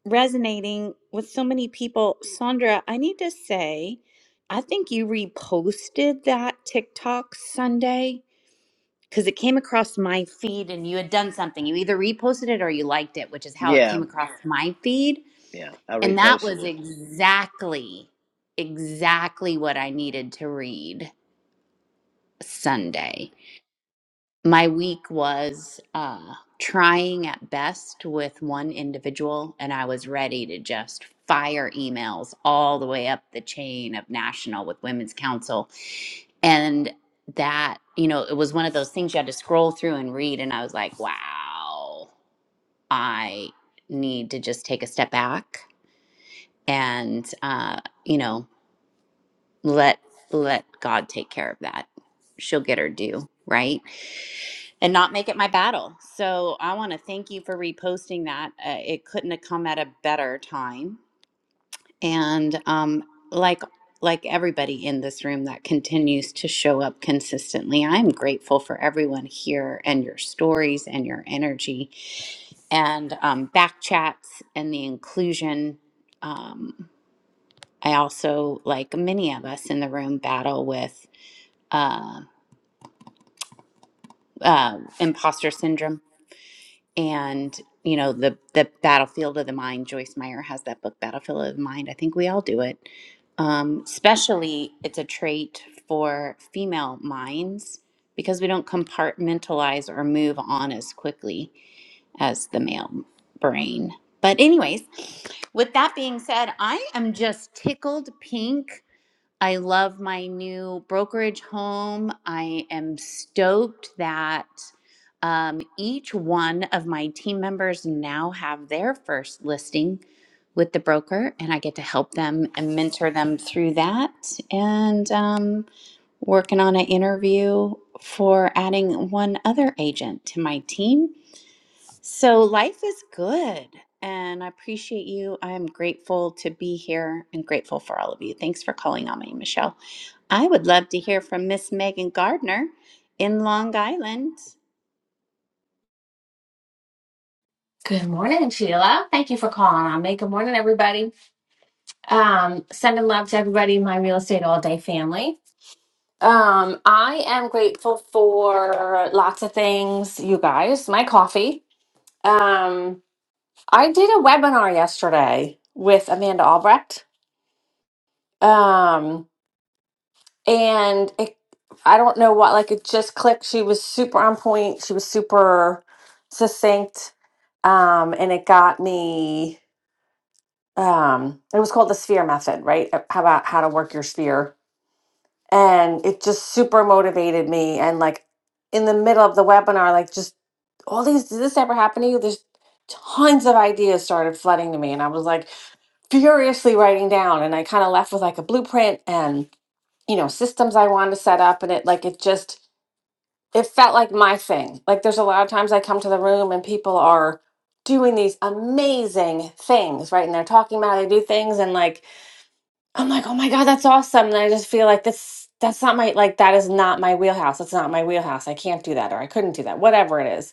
resonating with so many people. Sandra, I need to say, I think you reposted that TikTok Sunday because it came across my feed and you had done something. You either reposted it or you liked it, which is how it Yeah, came across Yeah. my feed. yeah. I And that reposted was it. exactly, exactly what I needed to read Sunday. my week was uh, trying at best with one individual, and I was ready to just fire emails all the way up the chain of national with Women's Council. And that, you know, it was one of those things you had to scroll through and read. And I was like, wow, I need to just take a step back and, uh, you know, let let God take care of that. She'll get her due, right? and not make it my battle. So I want to thank you for reposting that. Uh, it couldn't have come at a better time. And um, like like everybody in this room that continues to show up consistently, I'm grateful for everyone here and your stories and your energy and um, back chats and the inclusion. Um, I also, like many of us in the room, battle with uh, uh, imposter syndrome and you know the the battlefield of the mind joyce meyer has that book battlefield of the mind i think we all do it um, especially it's a trait for female minds because we don't compartmentalize or move on as quickly as the male brain but anyways with that being said i am just tickled pink I love my new brokerage home. I am stoked that um, each one of my team members now have their first listing with the broker, and I get to help them and mentor them through that. And um, working on an interview for adding one other agent to my team. So life is good, and I appreciate you. I am grateful to be here and grateful for all of you. Thanks for calling on me, Michelle. I would love to hear from Miss Megan Gardner in Long Island. Good morning, Sheila. Thank you for calling on me. Good morning, everybody. Um, sending love to everybody in my real estate all day family. Um, I am grateful for lots of things, you guys. My coffee. Um, I did a webinar yesterday with Amanda Albrecht. Um, and it, I don't know what, like it just clicked. She was super on point. She was super succinct. Um, and it got me um it was called the sphere method right Uh, how about how to work your sphere and it just super motivated me and like in the middle of the webinar like just all these did this ever happen to you there's tons of ideas started flooding to me and i was like furiously writing down and i kind of left with like a blueprint and you know systems i wanted to set up and it like it just it felt like my thing like there's a lot of times i come to the room and people are doing these amazing things right and they're talking about how they do things and like I'm like, oh my God, that's awesome. And I just feel like this, that's not my, like, that is not my wheelhouse. That's not my wheelhouse. I can't do that or I couldn't do that, whatever it is.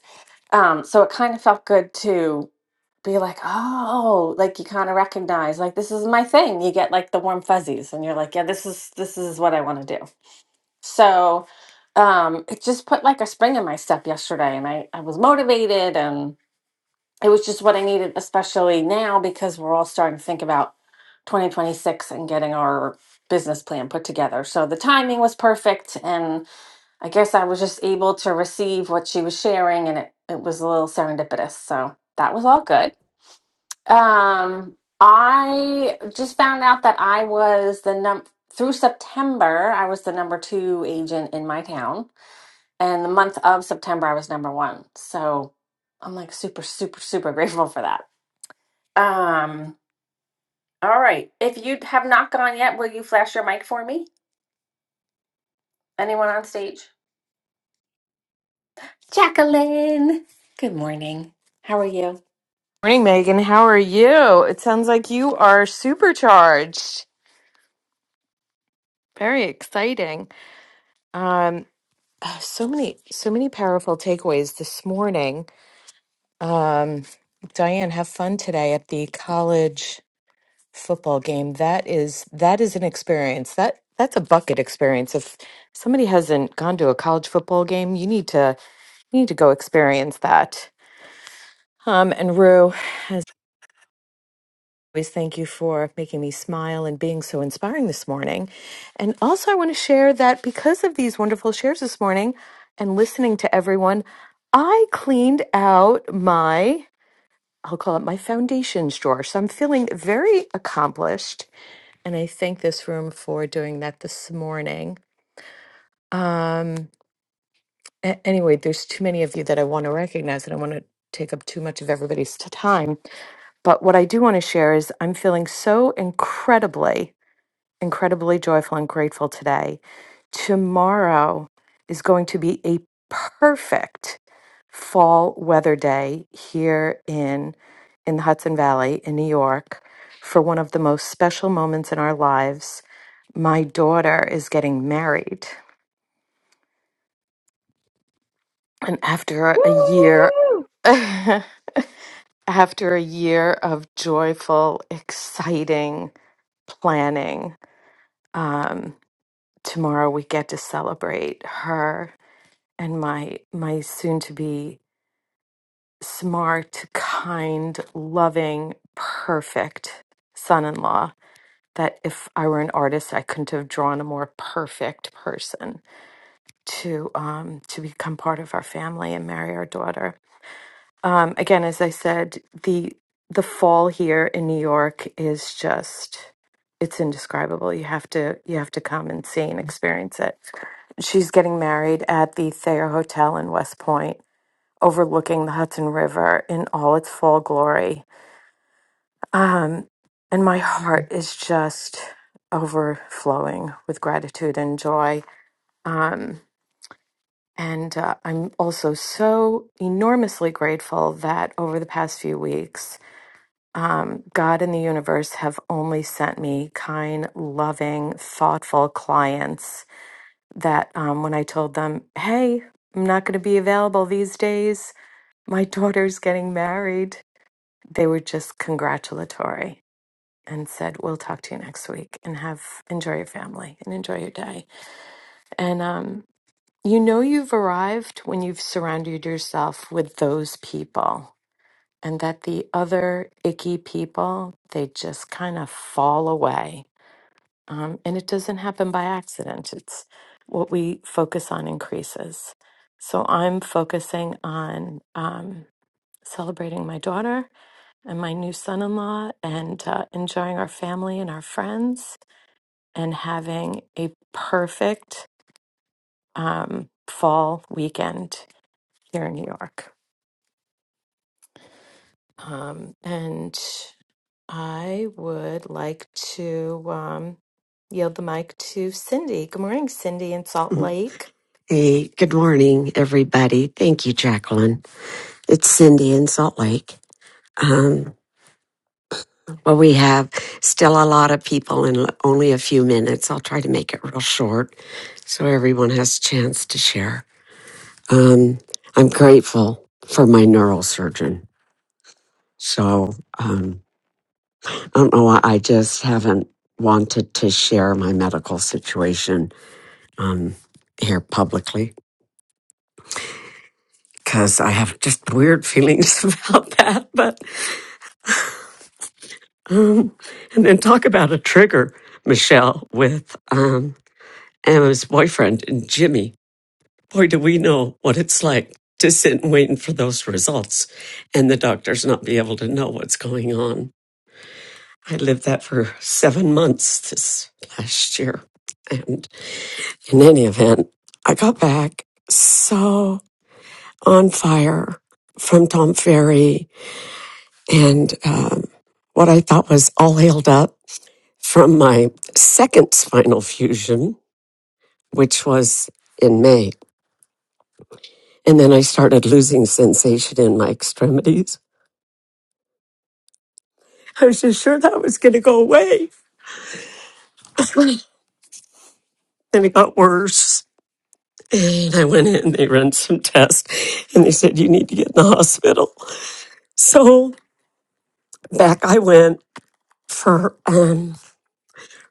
Um, so it kind of felt good to be like, oh, like you kind of recognize, like, this is my thing. You get like the warm fuzzies and you're like, yeah, this is, this is what I want to do. So um, it just put like a spring in my step yesterday and I, I was motivated and it was just what I needed, especially now because we're all starting to think about 2026 and getting our business plan put together. So the timing was perfect. And I guess I was just able to receive what she was sharing, and it, it was a little serendipitous. So that was all good. Um, I just found out that I was the num through September, I was the number two agent in my town. And the month of September, I was number one. So I'm like super, super, super grateful for that. Um, all right. If you have not gone yet, will you flash your mic for me? Anyone on stage? Jacqueline. Good morning. How are you? Morning, Megan. How are you? It sounds like you are supercharged. Very exciting. Um, ah, so many, so many powerful takeaways this morning. Um, Diane, have fun today at the college football game. That is that is an experience. That that's a bucket experience. If somebody hasn't gone to a college football game, you need to you need to go experience that. Um, and Rue. always thank you for making me smile and being so inspiring this morning. And also, I want to share that because of these wonderful shares this morning and listening to everyone, I cleaned out my, I'll call it my foundations drawer. So I'm feeling very accomplished. And I thank this room for doing that this morning. Um, a- anyway, there's too many of you that I want to recognize, and I want to take up too much of everybody's t- time. But what I do want to share is I'm feeling so incredibly incredibly joyful and grateful today. Tomorrow is going to be a perfect fall weather day here in in the Hudson Valley in New York for one of the most special moments in our lives. My daughter is getting married and after a year Woo! after a year of joyful, exciting planning, um tomorrow we get to celebrate her and my my soon to be smart, kind, loving, perfect son-in-law that if I were an artist I couldn't have drawn a more perfect person to um to become part of our family and marry our daughter. Um again as I said the the fall here in New York is just it's indescribable. You have to you have to come and see and experience it. She's getting married at the Thayer Hotel in West Point overlooking the Hudson River in all its full glory. Um, and my heart is just overflowing with gratitude and joy. Um, and uh, I'm also so enormously grateful that over the past few weeks, um, God and the universe have only sent me kind, loving, thoughtful clients that um, when I told them, hey, I'm not going to be available these days, my daughter's getting married they were just congratulatory and said, "We'll talk to you next week and have enjoy your family and enjoy your day." And um, you know you've arrived when you've surrounded yourself with those people, and that the other icky people they just kind of fall away. Um, and it doesn't happen by accident. It's what we focus on increases. So I'm focusing on um, celebrating my daughter and my new son in law and uh, enjoying our family and our friends and having a perfect um, fall weekend here in New York. Um, and I would like to um, yield the mic to Cindy. Good morning, Cindy in Salt Lake. Hey, good morning, everybody. Thank you, Jacqueline. It's Cindy in Salt Lake. Um, well, we have still a lot of people and l- only a few minutes. I'll try to make it real short so everyone has a chance to share. Um, I'm grateful for my neurosurgeon. So um, I don't know why I just haven't wanted to share my medical situation um, here publicly because I have just weird feelings about that. But Um, and then talk about a trigger, Michelle, with um, Emma's boyfriend and Jimmy. Boy, do we know what it's like to sit and waiting for those results and the doctors not be able to know what's going on. I lived that for seven months this last year. And in any event, I got back so on fire from Tom Ferry and um, what I thought was all healed up from my second spinal fusion, which was in May. And then I started losing sensation in my extremities. I was just sure that was going to go away. And it got worse. And I went in, they ran some tests, and they said, You need to get in the hospital. So back I went for um,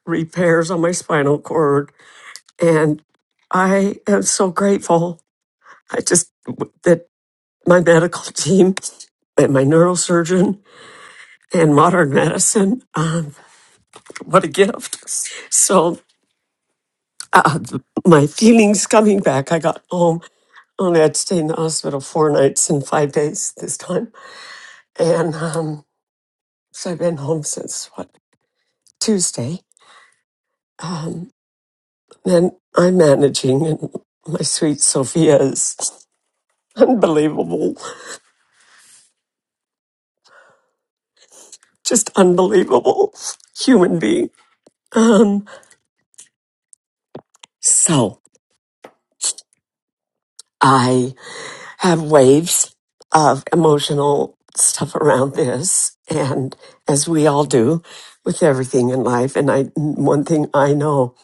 repairs on my spinal cord. And I am so grateful. I just, that my medical team and my neurosurgeon and modern medicine. Um, what a gift. So, uh, my feelings coming back, I got home. Only I'd stayed in the hospital four nights and five days this time. And um, so I've been home since what, Tuesday. Um, and I'm managing, and my sweet Sophia is unbelievable, just unbelievable human being. Um, so, I have waves of emotional stuff around this and as we all do with everything in life and i one thing i know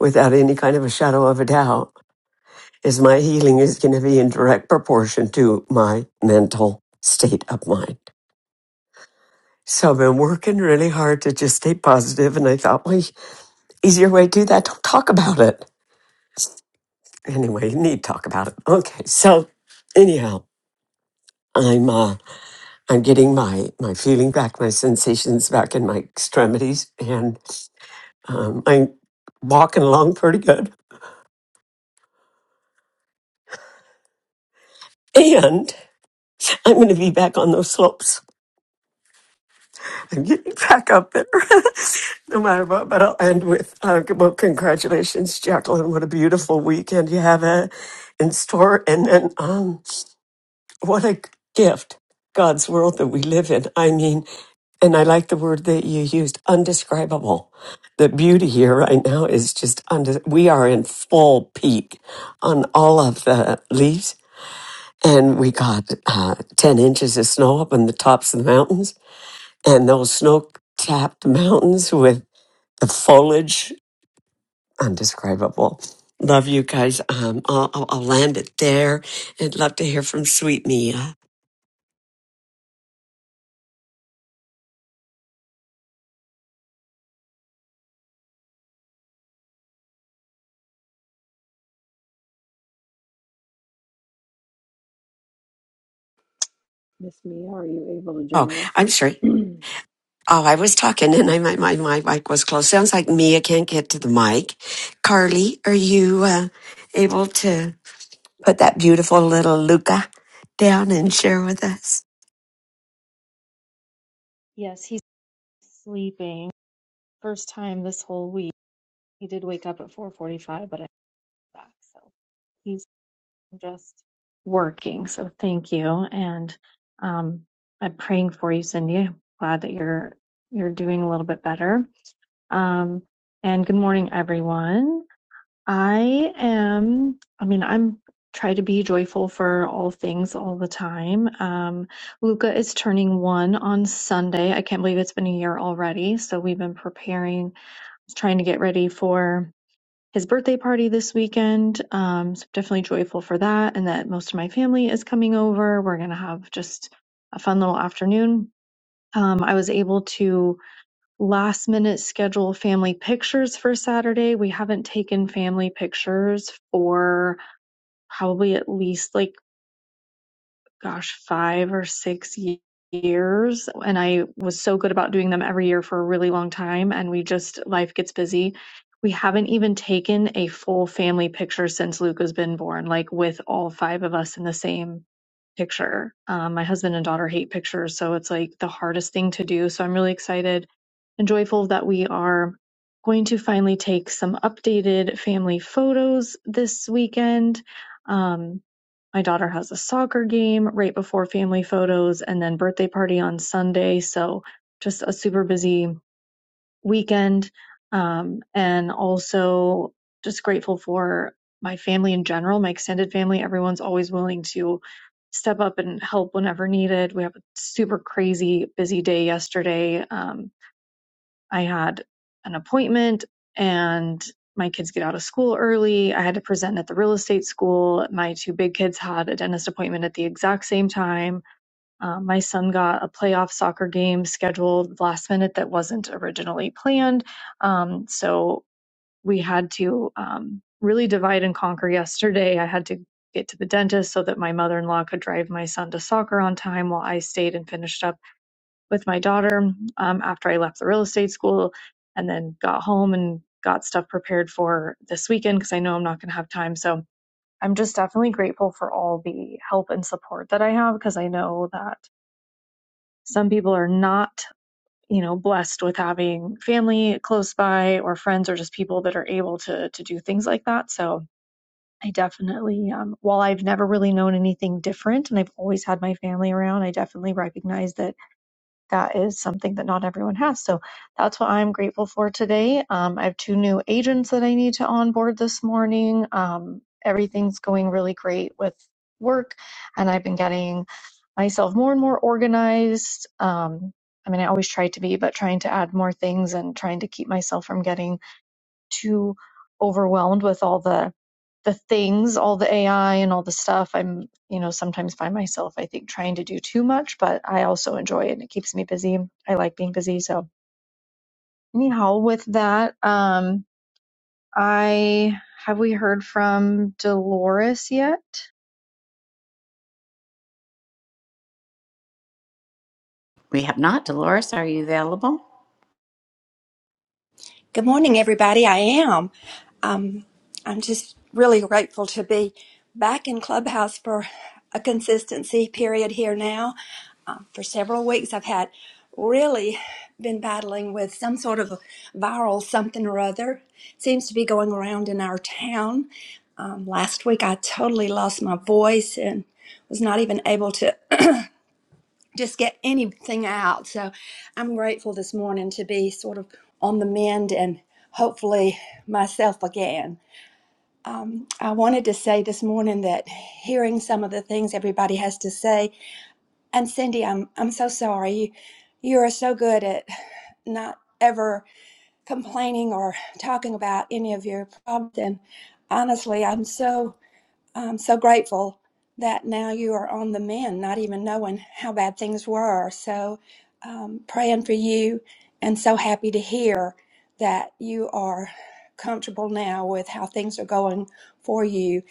without any kind of a shadow of a doubt is my healing is going to be in direct proportion to my mental state of mind so i've been working really hard to just stay positive and i thought well easier way to do that don't talk about it anyway you need to talk about it okay so anyhow i'm uh I'm getting my my feeling back, my sensations back in my extremities, and um, I'm walking along pretty good. And I'm going to be back on those slopes. I'm getting back up there, no matter what. But I'll end with uh, well, congratulations, Jacqueline. What a beautiful weekend you have uh, in store, and then um, what a gift God's world that we live in. I mean. And I like the word that you used, undescribable. The beauty here right now is just unde- we are in full peak on all of the leaves, and we got uh, ten inches of snow up on the tops of the mountains, and those snow-capped mountains with the foliage, undescribable. Love you guys. Um, I'll, I'll I'll land it there, and love to hear from Sweet Mia. Miss Mia, are you able to Oh, join I'm sorry. us? Oh, I was talking and I, my, my, my mic was closed. Sounds like Mia can't get to the mic. Carly, are you uh, able to put that beautiful little Luca down and share with us? Yes, he's sleeping. First time this whole week. He did wake up at 4:45, but I am back, so he's just working. So thank you, and um, I'm praying for you, Cindy. I'm Glad that you're you're doing a little bit better. Um, and good morning, everyone. I am, I mean, I'm try to be joyful for all things all the time. Um, Luca is turning one on Sunday. I can't believe it's been a year already. So we've been preparing, trying to get ready for his birthday party this weekend. Um, so definitely joyful for that and that most of my family is coming over. We're going to have just a fun little afternoon. Um, I was able to last minute schedule family pictures for Saturday. We haven't taken family pictures for probably at least like, gosh, five or six ye- years. And I was so good about doing them every year for a really long time. And we just, life gets busy. We haven't even taken a full family picture since Luke has been born, like with all five of us in the same picture. Um, my husband and daughter hate pictures, so it's like the hardest thing to do. So I'm really excited and joyful that we are going to finally take some updated family photos this weekend. Um, my daughter has a soccer game right before family photos and then birthday party on Sunday. So just a super busy weekend. Um, and also just grateful for my family in general, my extended family. Everyone's always willing to step up and help whenever needed. We have a super crazy busy day yesterday. Um, I had an appointment and my kids get out of school early. I had to present at the real estate school. My two big kids had a dentist appointment at the exact same time. Um, my son got a playoff soccer game scheduled last minute that wasn't originally planned. Um, so we had to um, really divide and conquer yesterday. I had to get to the dentist so that my mother in law could drive my son to soccer on time while I stayed and finished up with my daughter um, after I left the real estate school and then got home and got stuff prepared for this weekend because I know I'm not going to have time. So I'm just definitely grateful for all the help and support that I have because I know that some people are not, you know, blessed with having family close by or friends or just people that are able to to do things like that. So I definitely, um, while I've never really known anything different and I've always had my family around, I definitely recognize that that is something that not everyone has. So that's what I'm grateful for today. Um, I have two new agents that I need to onboard this morning. Um, everything's going really great with work, and I've been getting myself more and more organized. Um, I mean, I always try to be, but trying to add more things and trying to keep myself from getting too overwhelmed with all the the things, all the AI and all the stuff. I'm, you know, sometimes by myself, I think trying to do too much, but I also enjoy it and it keeps me busy. I like being busy. So anyhow, with that, um, I have we heard from Dolores yet? We have not. Dolores, are you available? Good morning, everybody. I am. Um, I'm just really grateful to be back in Clubhouse for a consistency period here now. Um, for several weeks, I've had really been battling with some sort of a viral something or other. Seems to be going around in our town. Um, last week, I totally lost my voice and was not even able to just get anything out. So I'm grateful this morning to be sort of on the mend and hopefully myself again. Um, I wanted to say this morning that hearing some of the things everybody has to say, and Cindy, I'm I'm so sorry. You you are so good at not ever complaining or talking about any of your problems, and honestly, I'm so I'm so grateful that now you are on the mend, not even knowing how bad things were. So, um, praying for you and so happy to hear that you are comfortable now with how things are going for you.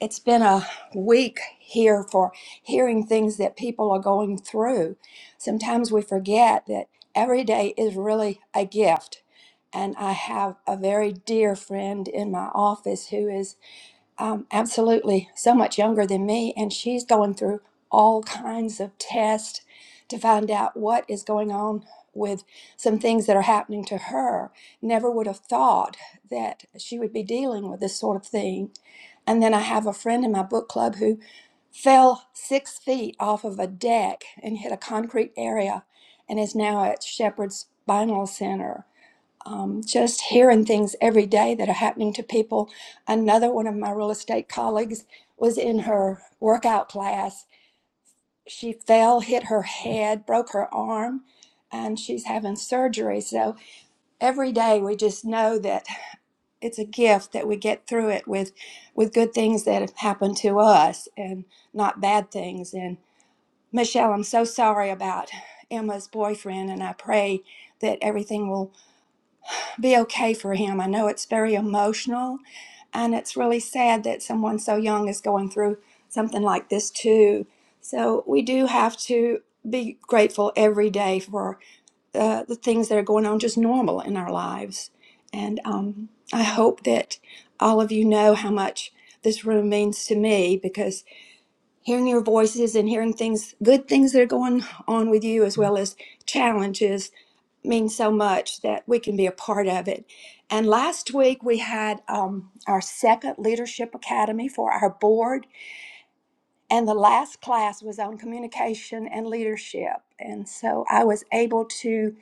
It's been a week here for hearing things that people are going through. Sometimes we forget that every day is really a gift. And I have a very dear friend in my office who is. Um, absolutely, so much younger than me, and she's going through all kinds of tests to find out what is going on with some things that are happening to her. Never would have thought that she would be dealing with this sort of thing. And then I have a friend in my book club who fell six feet off of a deck and hit a concrete area and is now at Shepherd's Spinal Center um, just hearing things every day that are happening to people. Another one of my real estate colleagues was in her workout class. She fell, hit her head, broke her arm, and she's having surgery. So every day we just know that it's a gift that we get through it with, with good things that have happened to us and not bad things. And Michelle, I'm so sorry about Emma's boyfriend, and I pray that everything will be okay for him. I know it's very emotional and it's really sad that someone so young is going through something like this too. So we do have to be grateful every day for uh, the things that are going on just normal in our lives. And um, I hope that all of you know how much this room means to me because hearing your voices and hearing things, good things that are going on with you, as well as challenges means so much that we can be a part of it. And last week we had um, our second leadership academy for our board, and the last class was on communication and leadership. And so I was able to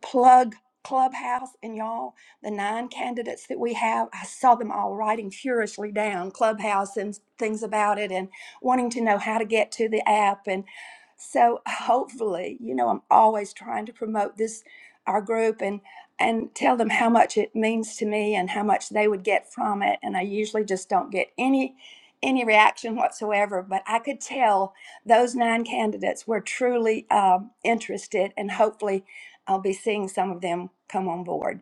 plug Clubhouse and y'all, the nine candidates that we have, I saw them all writing furiously down Clubhouse and things about it and wanting to know how to get to the app. And so hopefully, you know, I'm always trying to promote this, our group and and tell them how much it means to me and how much they would get from it. And I usually just don't get any any reaction whatsoever, but I could tell those nine candidates were truly um, interested and hopefully I'll be seeing some of them come on board.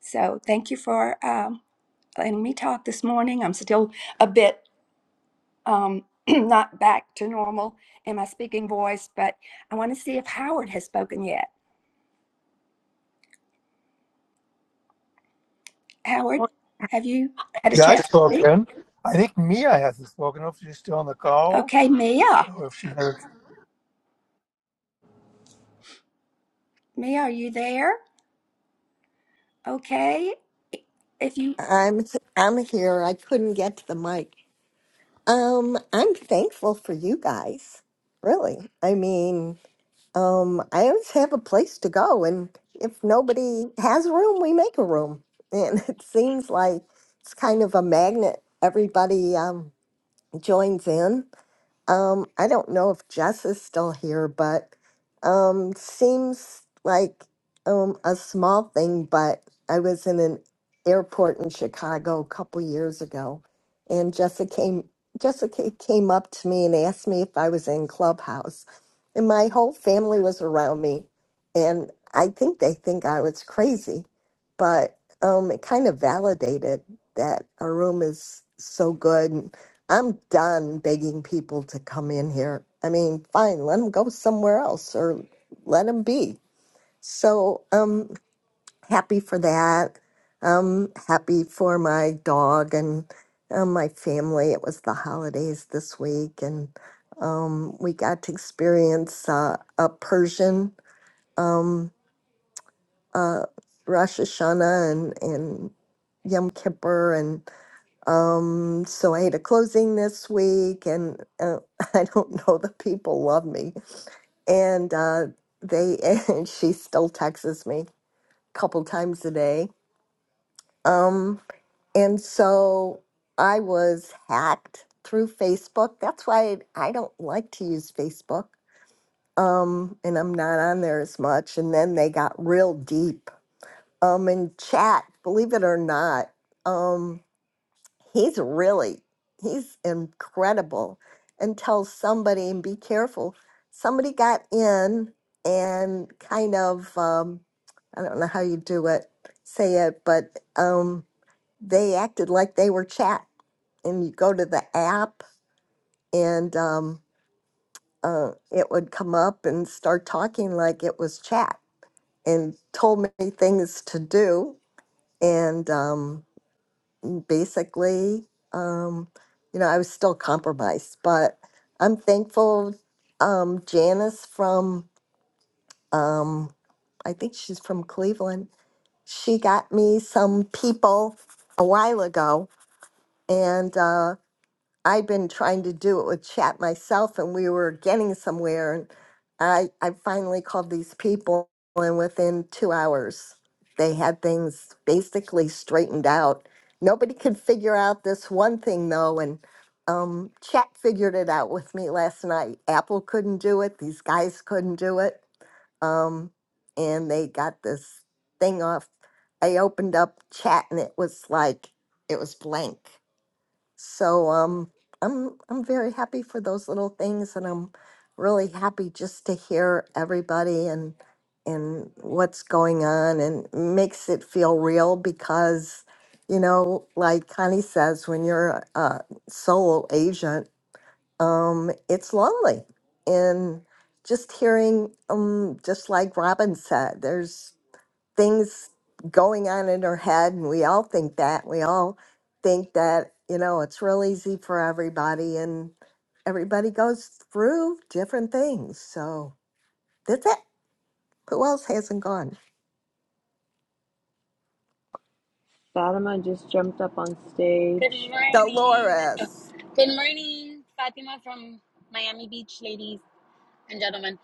So thank you for um, letting me talk this morning. I'm still a bit um, not back to normal in my speaking voice, but I want to see if Howard has spoken yet. Howard, have you had a Yeah, I've chance to speak? spoken. I think Mia hasn't spoken. Hopefully, she's still on the call. Okay, Mia. or if she had. Mia, are you there? Okay. If you I'm I'm here. I couldn't get to the mic. Um, I'm thankful for you guys. Really. I mean, um, I always have a place to go and if nobody has a room, we make a room. And it seems like it's kind of a magnet. Everybody um joins in um, I don't know if Jess is still here, but um, seems like um, a small thing. But I was in an airport in Chicago a couple years ago, and Jessica came. Jessica came up to me and asked me if I was in Clubhouse, and my whole family was around me, and I think they think I was crazy, but um, it kind of validated that our room is so good I'm done begging people to come in here. I mean, fine, let them go somewhere else or let them be. So um, happy for that. Um, happy for my dog and um, my family. It was the holidays this week, and um, we got to experience uh, a Persian um, uh, Rosh Hashanah and, and Yom Kippur and. Um, so I had a closing this week, and uh, I don't know, the people love me. And uh, they, and she still texts me a couple times a day. Um, and so I was hacked through Facebook. That's why I don't like to use Facebook. Um, and I'm not on there as much. And then they got real deep. Um, in chat, believe it or not. um, he's really he's incredible and tells somebody and be careful somebody got in and kind of um, i don't know how you do it say it but um, they acted like they were chat and you go to the app and um, uh, it would come up and start talking like it was chat and told me things to do and um, basically. Um, you know, I was still compromised, but I'm thankful. Um, Janice from, um, I think she's from Cleveland, she got me some people a while ago. And uh, I've been trying to do it with chat myself, and we were getting somewhere. And I, I finally called these people, and within two hours, they had things basically straightened out. Nobody could figure out this one thing, though, and um, chat figured it out with me last night. Apple couldn't do it, these guys couldn't do it. Um, and they got this thing off. I opened up chat, and it was like, it was blank so um, I'm I'm very happy for those little things, and I'm really happy just to hear everybody and and what's going on, and makes it feel real because you know, like Connie says, when you're a solo agent, um, it's lonely, and just hearing um, just like Robin said, there's things going on in her head and we all think that we all think that you know it's real easy for everybody and everybody goes through different things so that's it who else hasn't gone Fatima just jumped up on Good stage. morning. Oh, dolores Good morning, Fatima from Miami Beach, ladies and gentlemen.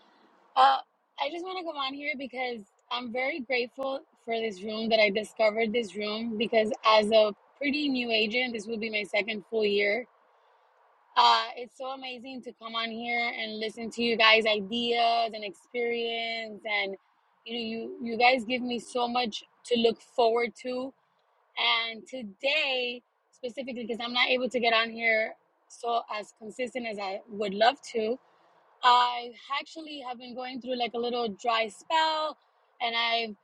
Uh, I just want to come on here because I'm very grateful for this room that I discovered this room because as a pretty new agent, this will be my second full year. Uh, it's so amazing to come on here and listen to you guys' ideas and experience, and you know, you you guys give me so much to look forward to and today, specifically, because I'm not able to get on here so as consistent as I would love to, I actually have been going through like a little dry spell, and I,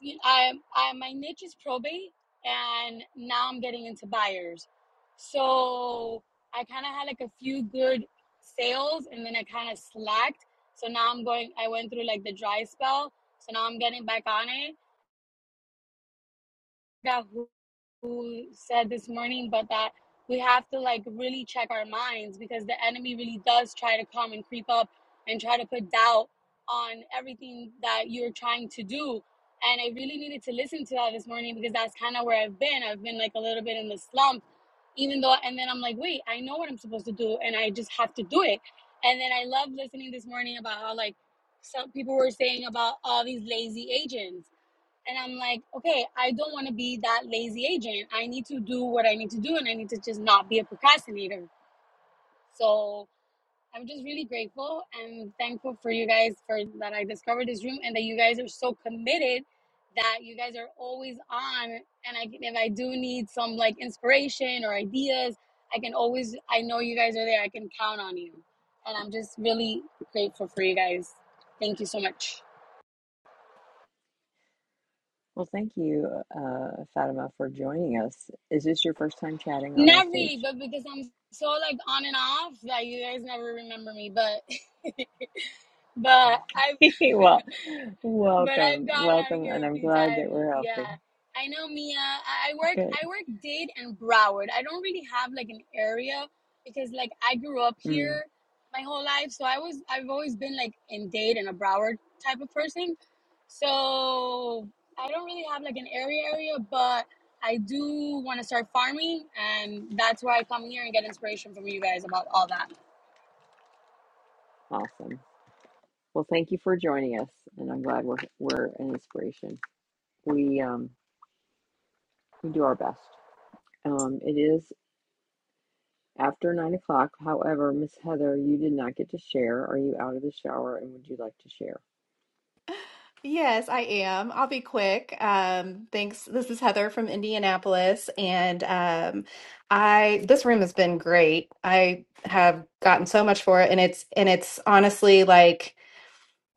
you I, I, my niche is probate, and now I'm getting into buyers. So I kind of had like a few good sales, and then I kind of slacked. So now I'm going. I went through like the dry spell, so now I'm getting back on it. Got who said this morning, but that we have to like really check our minds because the enemy really does try to come and creep up and try to put doubt on everything that you're trying to do. And I really needed to listen to that this morning because that's kind of where I've been. I've been like a little bit in the slump, even though, and then I'm like, wait, I know what I'm supposed to do and I just have to do it. And then I love listening this morning about how like some people were saying about all these lazy agents and I'm like, okay, I don't want to be that lazy agent. I need to do what I need to do and I need to just not be a procrastinator. So I'm just really grateful and thankful for you guys for that I discovered this room and that you guys are so committed that you guys are always on and I can- if I do need some like inspiration or ideas, I can always I know you guys are there. I can count on you. And I'm just really grateful for you guys. Thank you so much. Well, thank you, uh, Fatima, for joining us. Is this your first time chatting on our Not really, stage? but because I'm so like on and off that you guys never remember me. But but I well, but I've welcome, gone on welcome, here and a I'm few glad that times. we're Yeah, helping. I know Mia. I I work Good, I work Dade and Broward. I don't really have like an area because like I grew up mm, here my whole life, so I was I've always been like in Dade and a Broward type of person. So I don't really have like an area area, but I do want to start farming, and that's where I come here and get inspiration from you guys about all that. awesome. Well, thank you for joining us, and I'm glad we're we're an inspiration. We um we do our best. Um, it is. After nine o'clock, however, Miss Heather, you did not get to share. Are you out of the shower and would you like to share? Yes, I am. I'll be quick. Um, thanks. This is Heather from Indianapolis, and um, I this room has been great. I have gotten so much for it, and it's and it's honestly like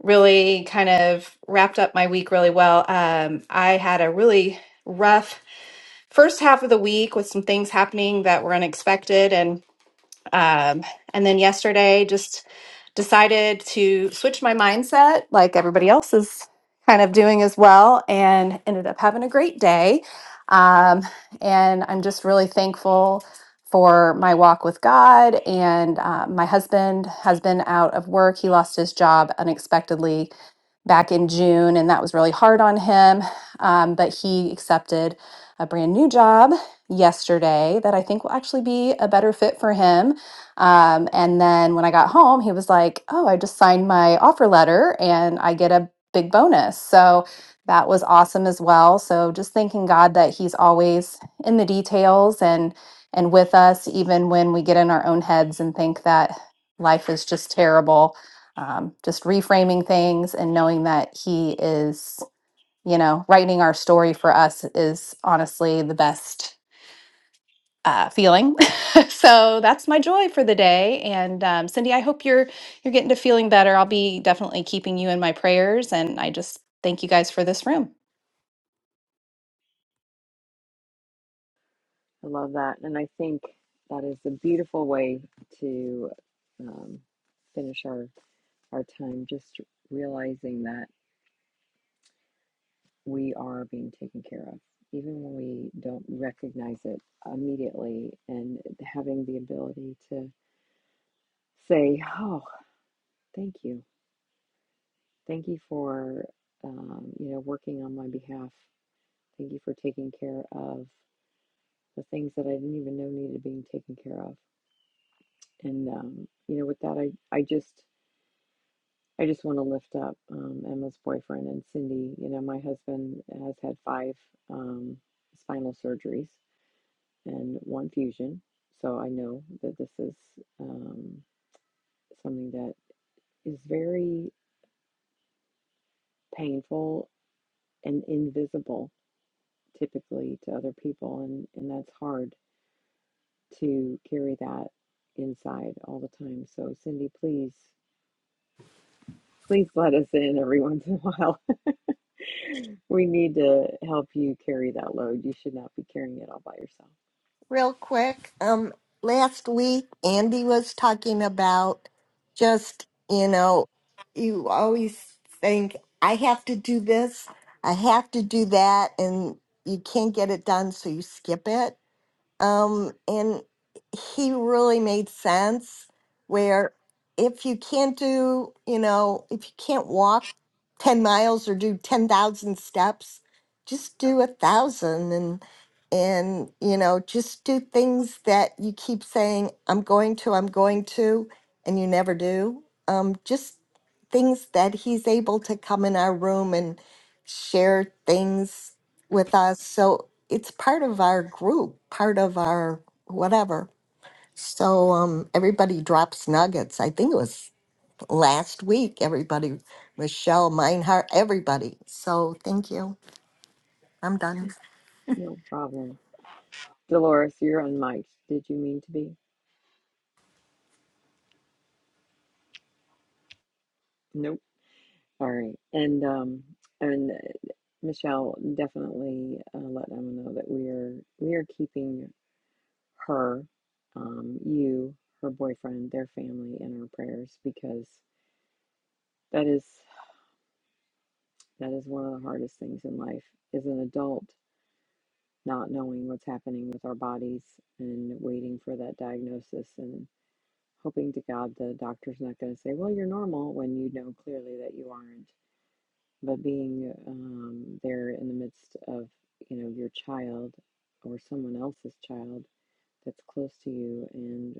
really kind of wrapped up my week really well. Um, I had a really rough first half of the week with some things happening that were unexpected, Um, and then yesterday, just decided to switch my mindset, like everybody else is kind of doing as well, and ended up having a great day. Um, and I'm just really thankful for my walk with God. And uh, my husband has been out of work, he lost his job unexpectedly back in June, and that was really hard on him. Um, but he accepted a brand new job yesterday that I think will actually be a better fit for him. Um, and then when I got home, he was like, Oh, I just signed my offer letter and I get a big bonus. So that was awesome as well. So just thanking God that he's always in the details and and with us even when we get in our own heads and think that life is just terrible um, just reframing things and knowing that he is you know writing our story for us is honestly the best uh, feeling so that's my joy for the day and um, cindy i hope you're you're getting to feeling better i'll be definitely keeping you in my prayers and i just thank you guys for this room I love that. And I think that is a beautiful way to um, finish our, our time, just realizing that we are being taken care of, even when we don't recognize it immediately, and having the ability to say, Oh, thank you. Thank you for, um, you know, working on my behalf. Thank you for taking care of. the things that I didn't even know needed being taken care of. And um, you know, with that, I I just I just want to lift up um, Emma's boyfriend and Cindy. You know, my husband has had five um, spinal surgeries and one fusion, so I know that this is um, something that is very painful and invisible typically to other people, and and that's hard to carry that inside all the time. So Cindy, please Please let us in every once in a while. we need to help you carry that load. You should not be carrying it all by yourself. real quick um last week andy was talking about just you know you always think i have to do this i have to do that and you can't get it done so you skip it Um, and he really made sense where if you can't do, you know, if you can't walk 10 miles or do 10,000 steps, just do a thousand and, and, you know, just do things that you keep saying, I'm going to, I'm going to, and you never do. Um, just things that he's able to come in our room and share things with us. So it's part of our group, part of our whatever. So um, everybody drops nuggets. I think it was last week, everybody, Michelle, Meinhardt, everybody. So thank you. I'm done. No problem. Dolores, you're on mic. Did you mean to be? Nope. All right. And um and uh, Michelle, definitely uh, let Emma know that we are we are keeping her, um, you, her boyfriend, their family in our prayers because that is that is one of the hardest things in life. As an adult, not knowing what's happening with our bodies and waiting for that diagnosis and hoping to God the doctor's not going to say, well, you're normal when you know clearly that you aren't. But being um, there in the midst of, you know, your child or someone else's child that's close to you, and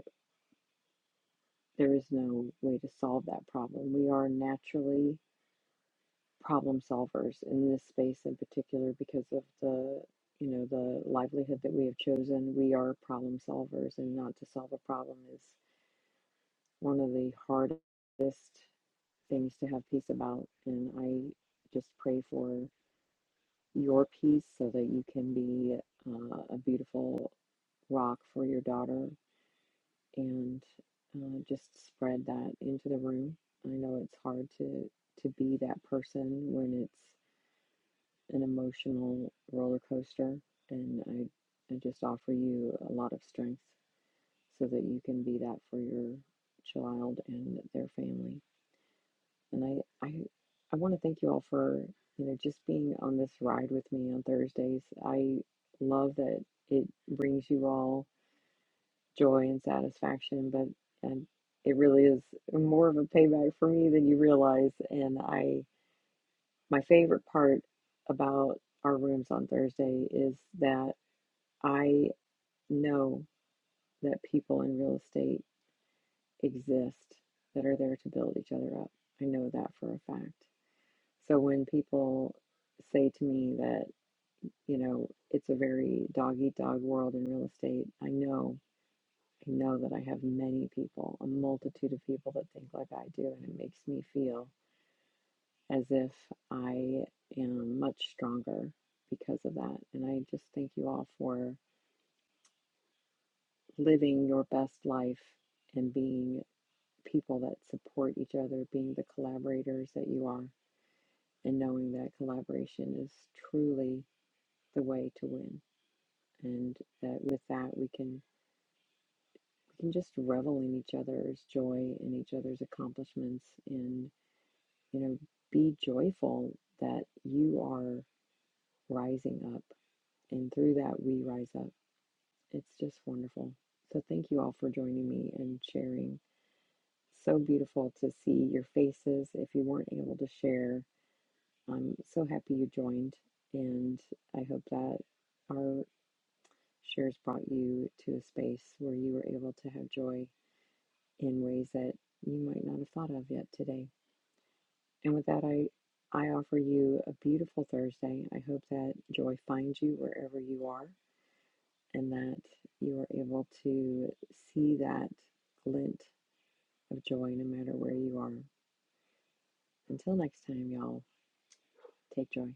there is no way to solve that problem. We are naturally problem solvers in this space in particular because of the you know the livelihood that we have chosen we are problem solvers and not to solve a problem is one of the hardest things to have peace about and i just pray for your peace so that you can be uh, a beautiful rock for your daughter and uh, just spread that into the room i know it's hard to to be that person when it's. an emotional roller coaster, and I, I just offer you a lot of strength so that you can be that for your child and their family. And I, I, I want to thank you all for you know just being on this ride with me on Thursdays. I love that it brings you all joy and satisfaction, but and it really is more of a payback for me than you realize. And I, my favorite part about our rooms on Thursday is that. I know that people in real estate exist that are there to build each other up. I know that for a fact. So when people say to me that, you know, it's a very dog eat dog world in real estate, I know, I know that I have many people, a multitude of people that think like I do. And it makes me feel as if I am much stronger because of that. And I just thank you all for living your best life and being people that support each other, being the collaborators that you are, and knowing that collaboration is truly the way to win. And that with that we can we can just revel in each other's joy and each other's accomplishments and you know be joyful that you are rising up and through that we rise up. It's just wonderful. So thank you all for joining me and sharing. So beautiful to see your faces. If you weren't able to share, I'm so happy you joined, and I hope that our shares brought you to a space where you were able to have joy in ways that you might not have thought of yet today. And with that, I I offer you a beautiful Thursday. I hope that joy finds you wherever you are, and that you are able to see that glint of joy no matter where you are. Until next time, y'all, take joy.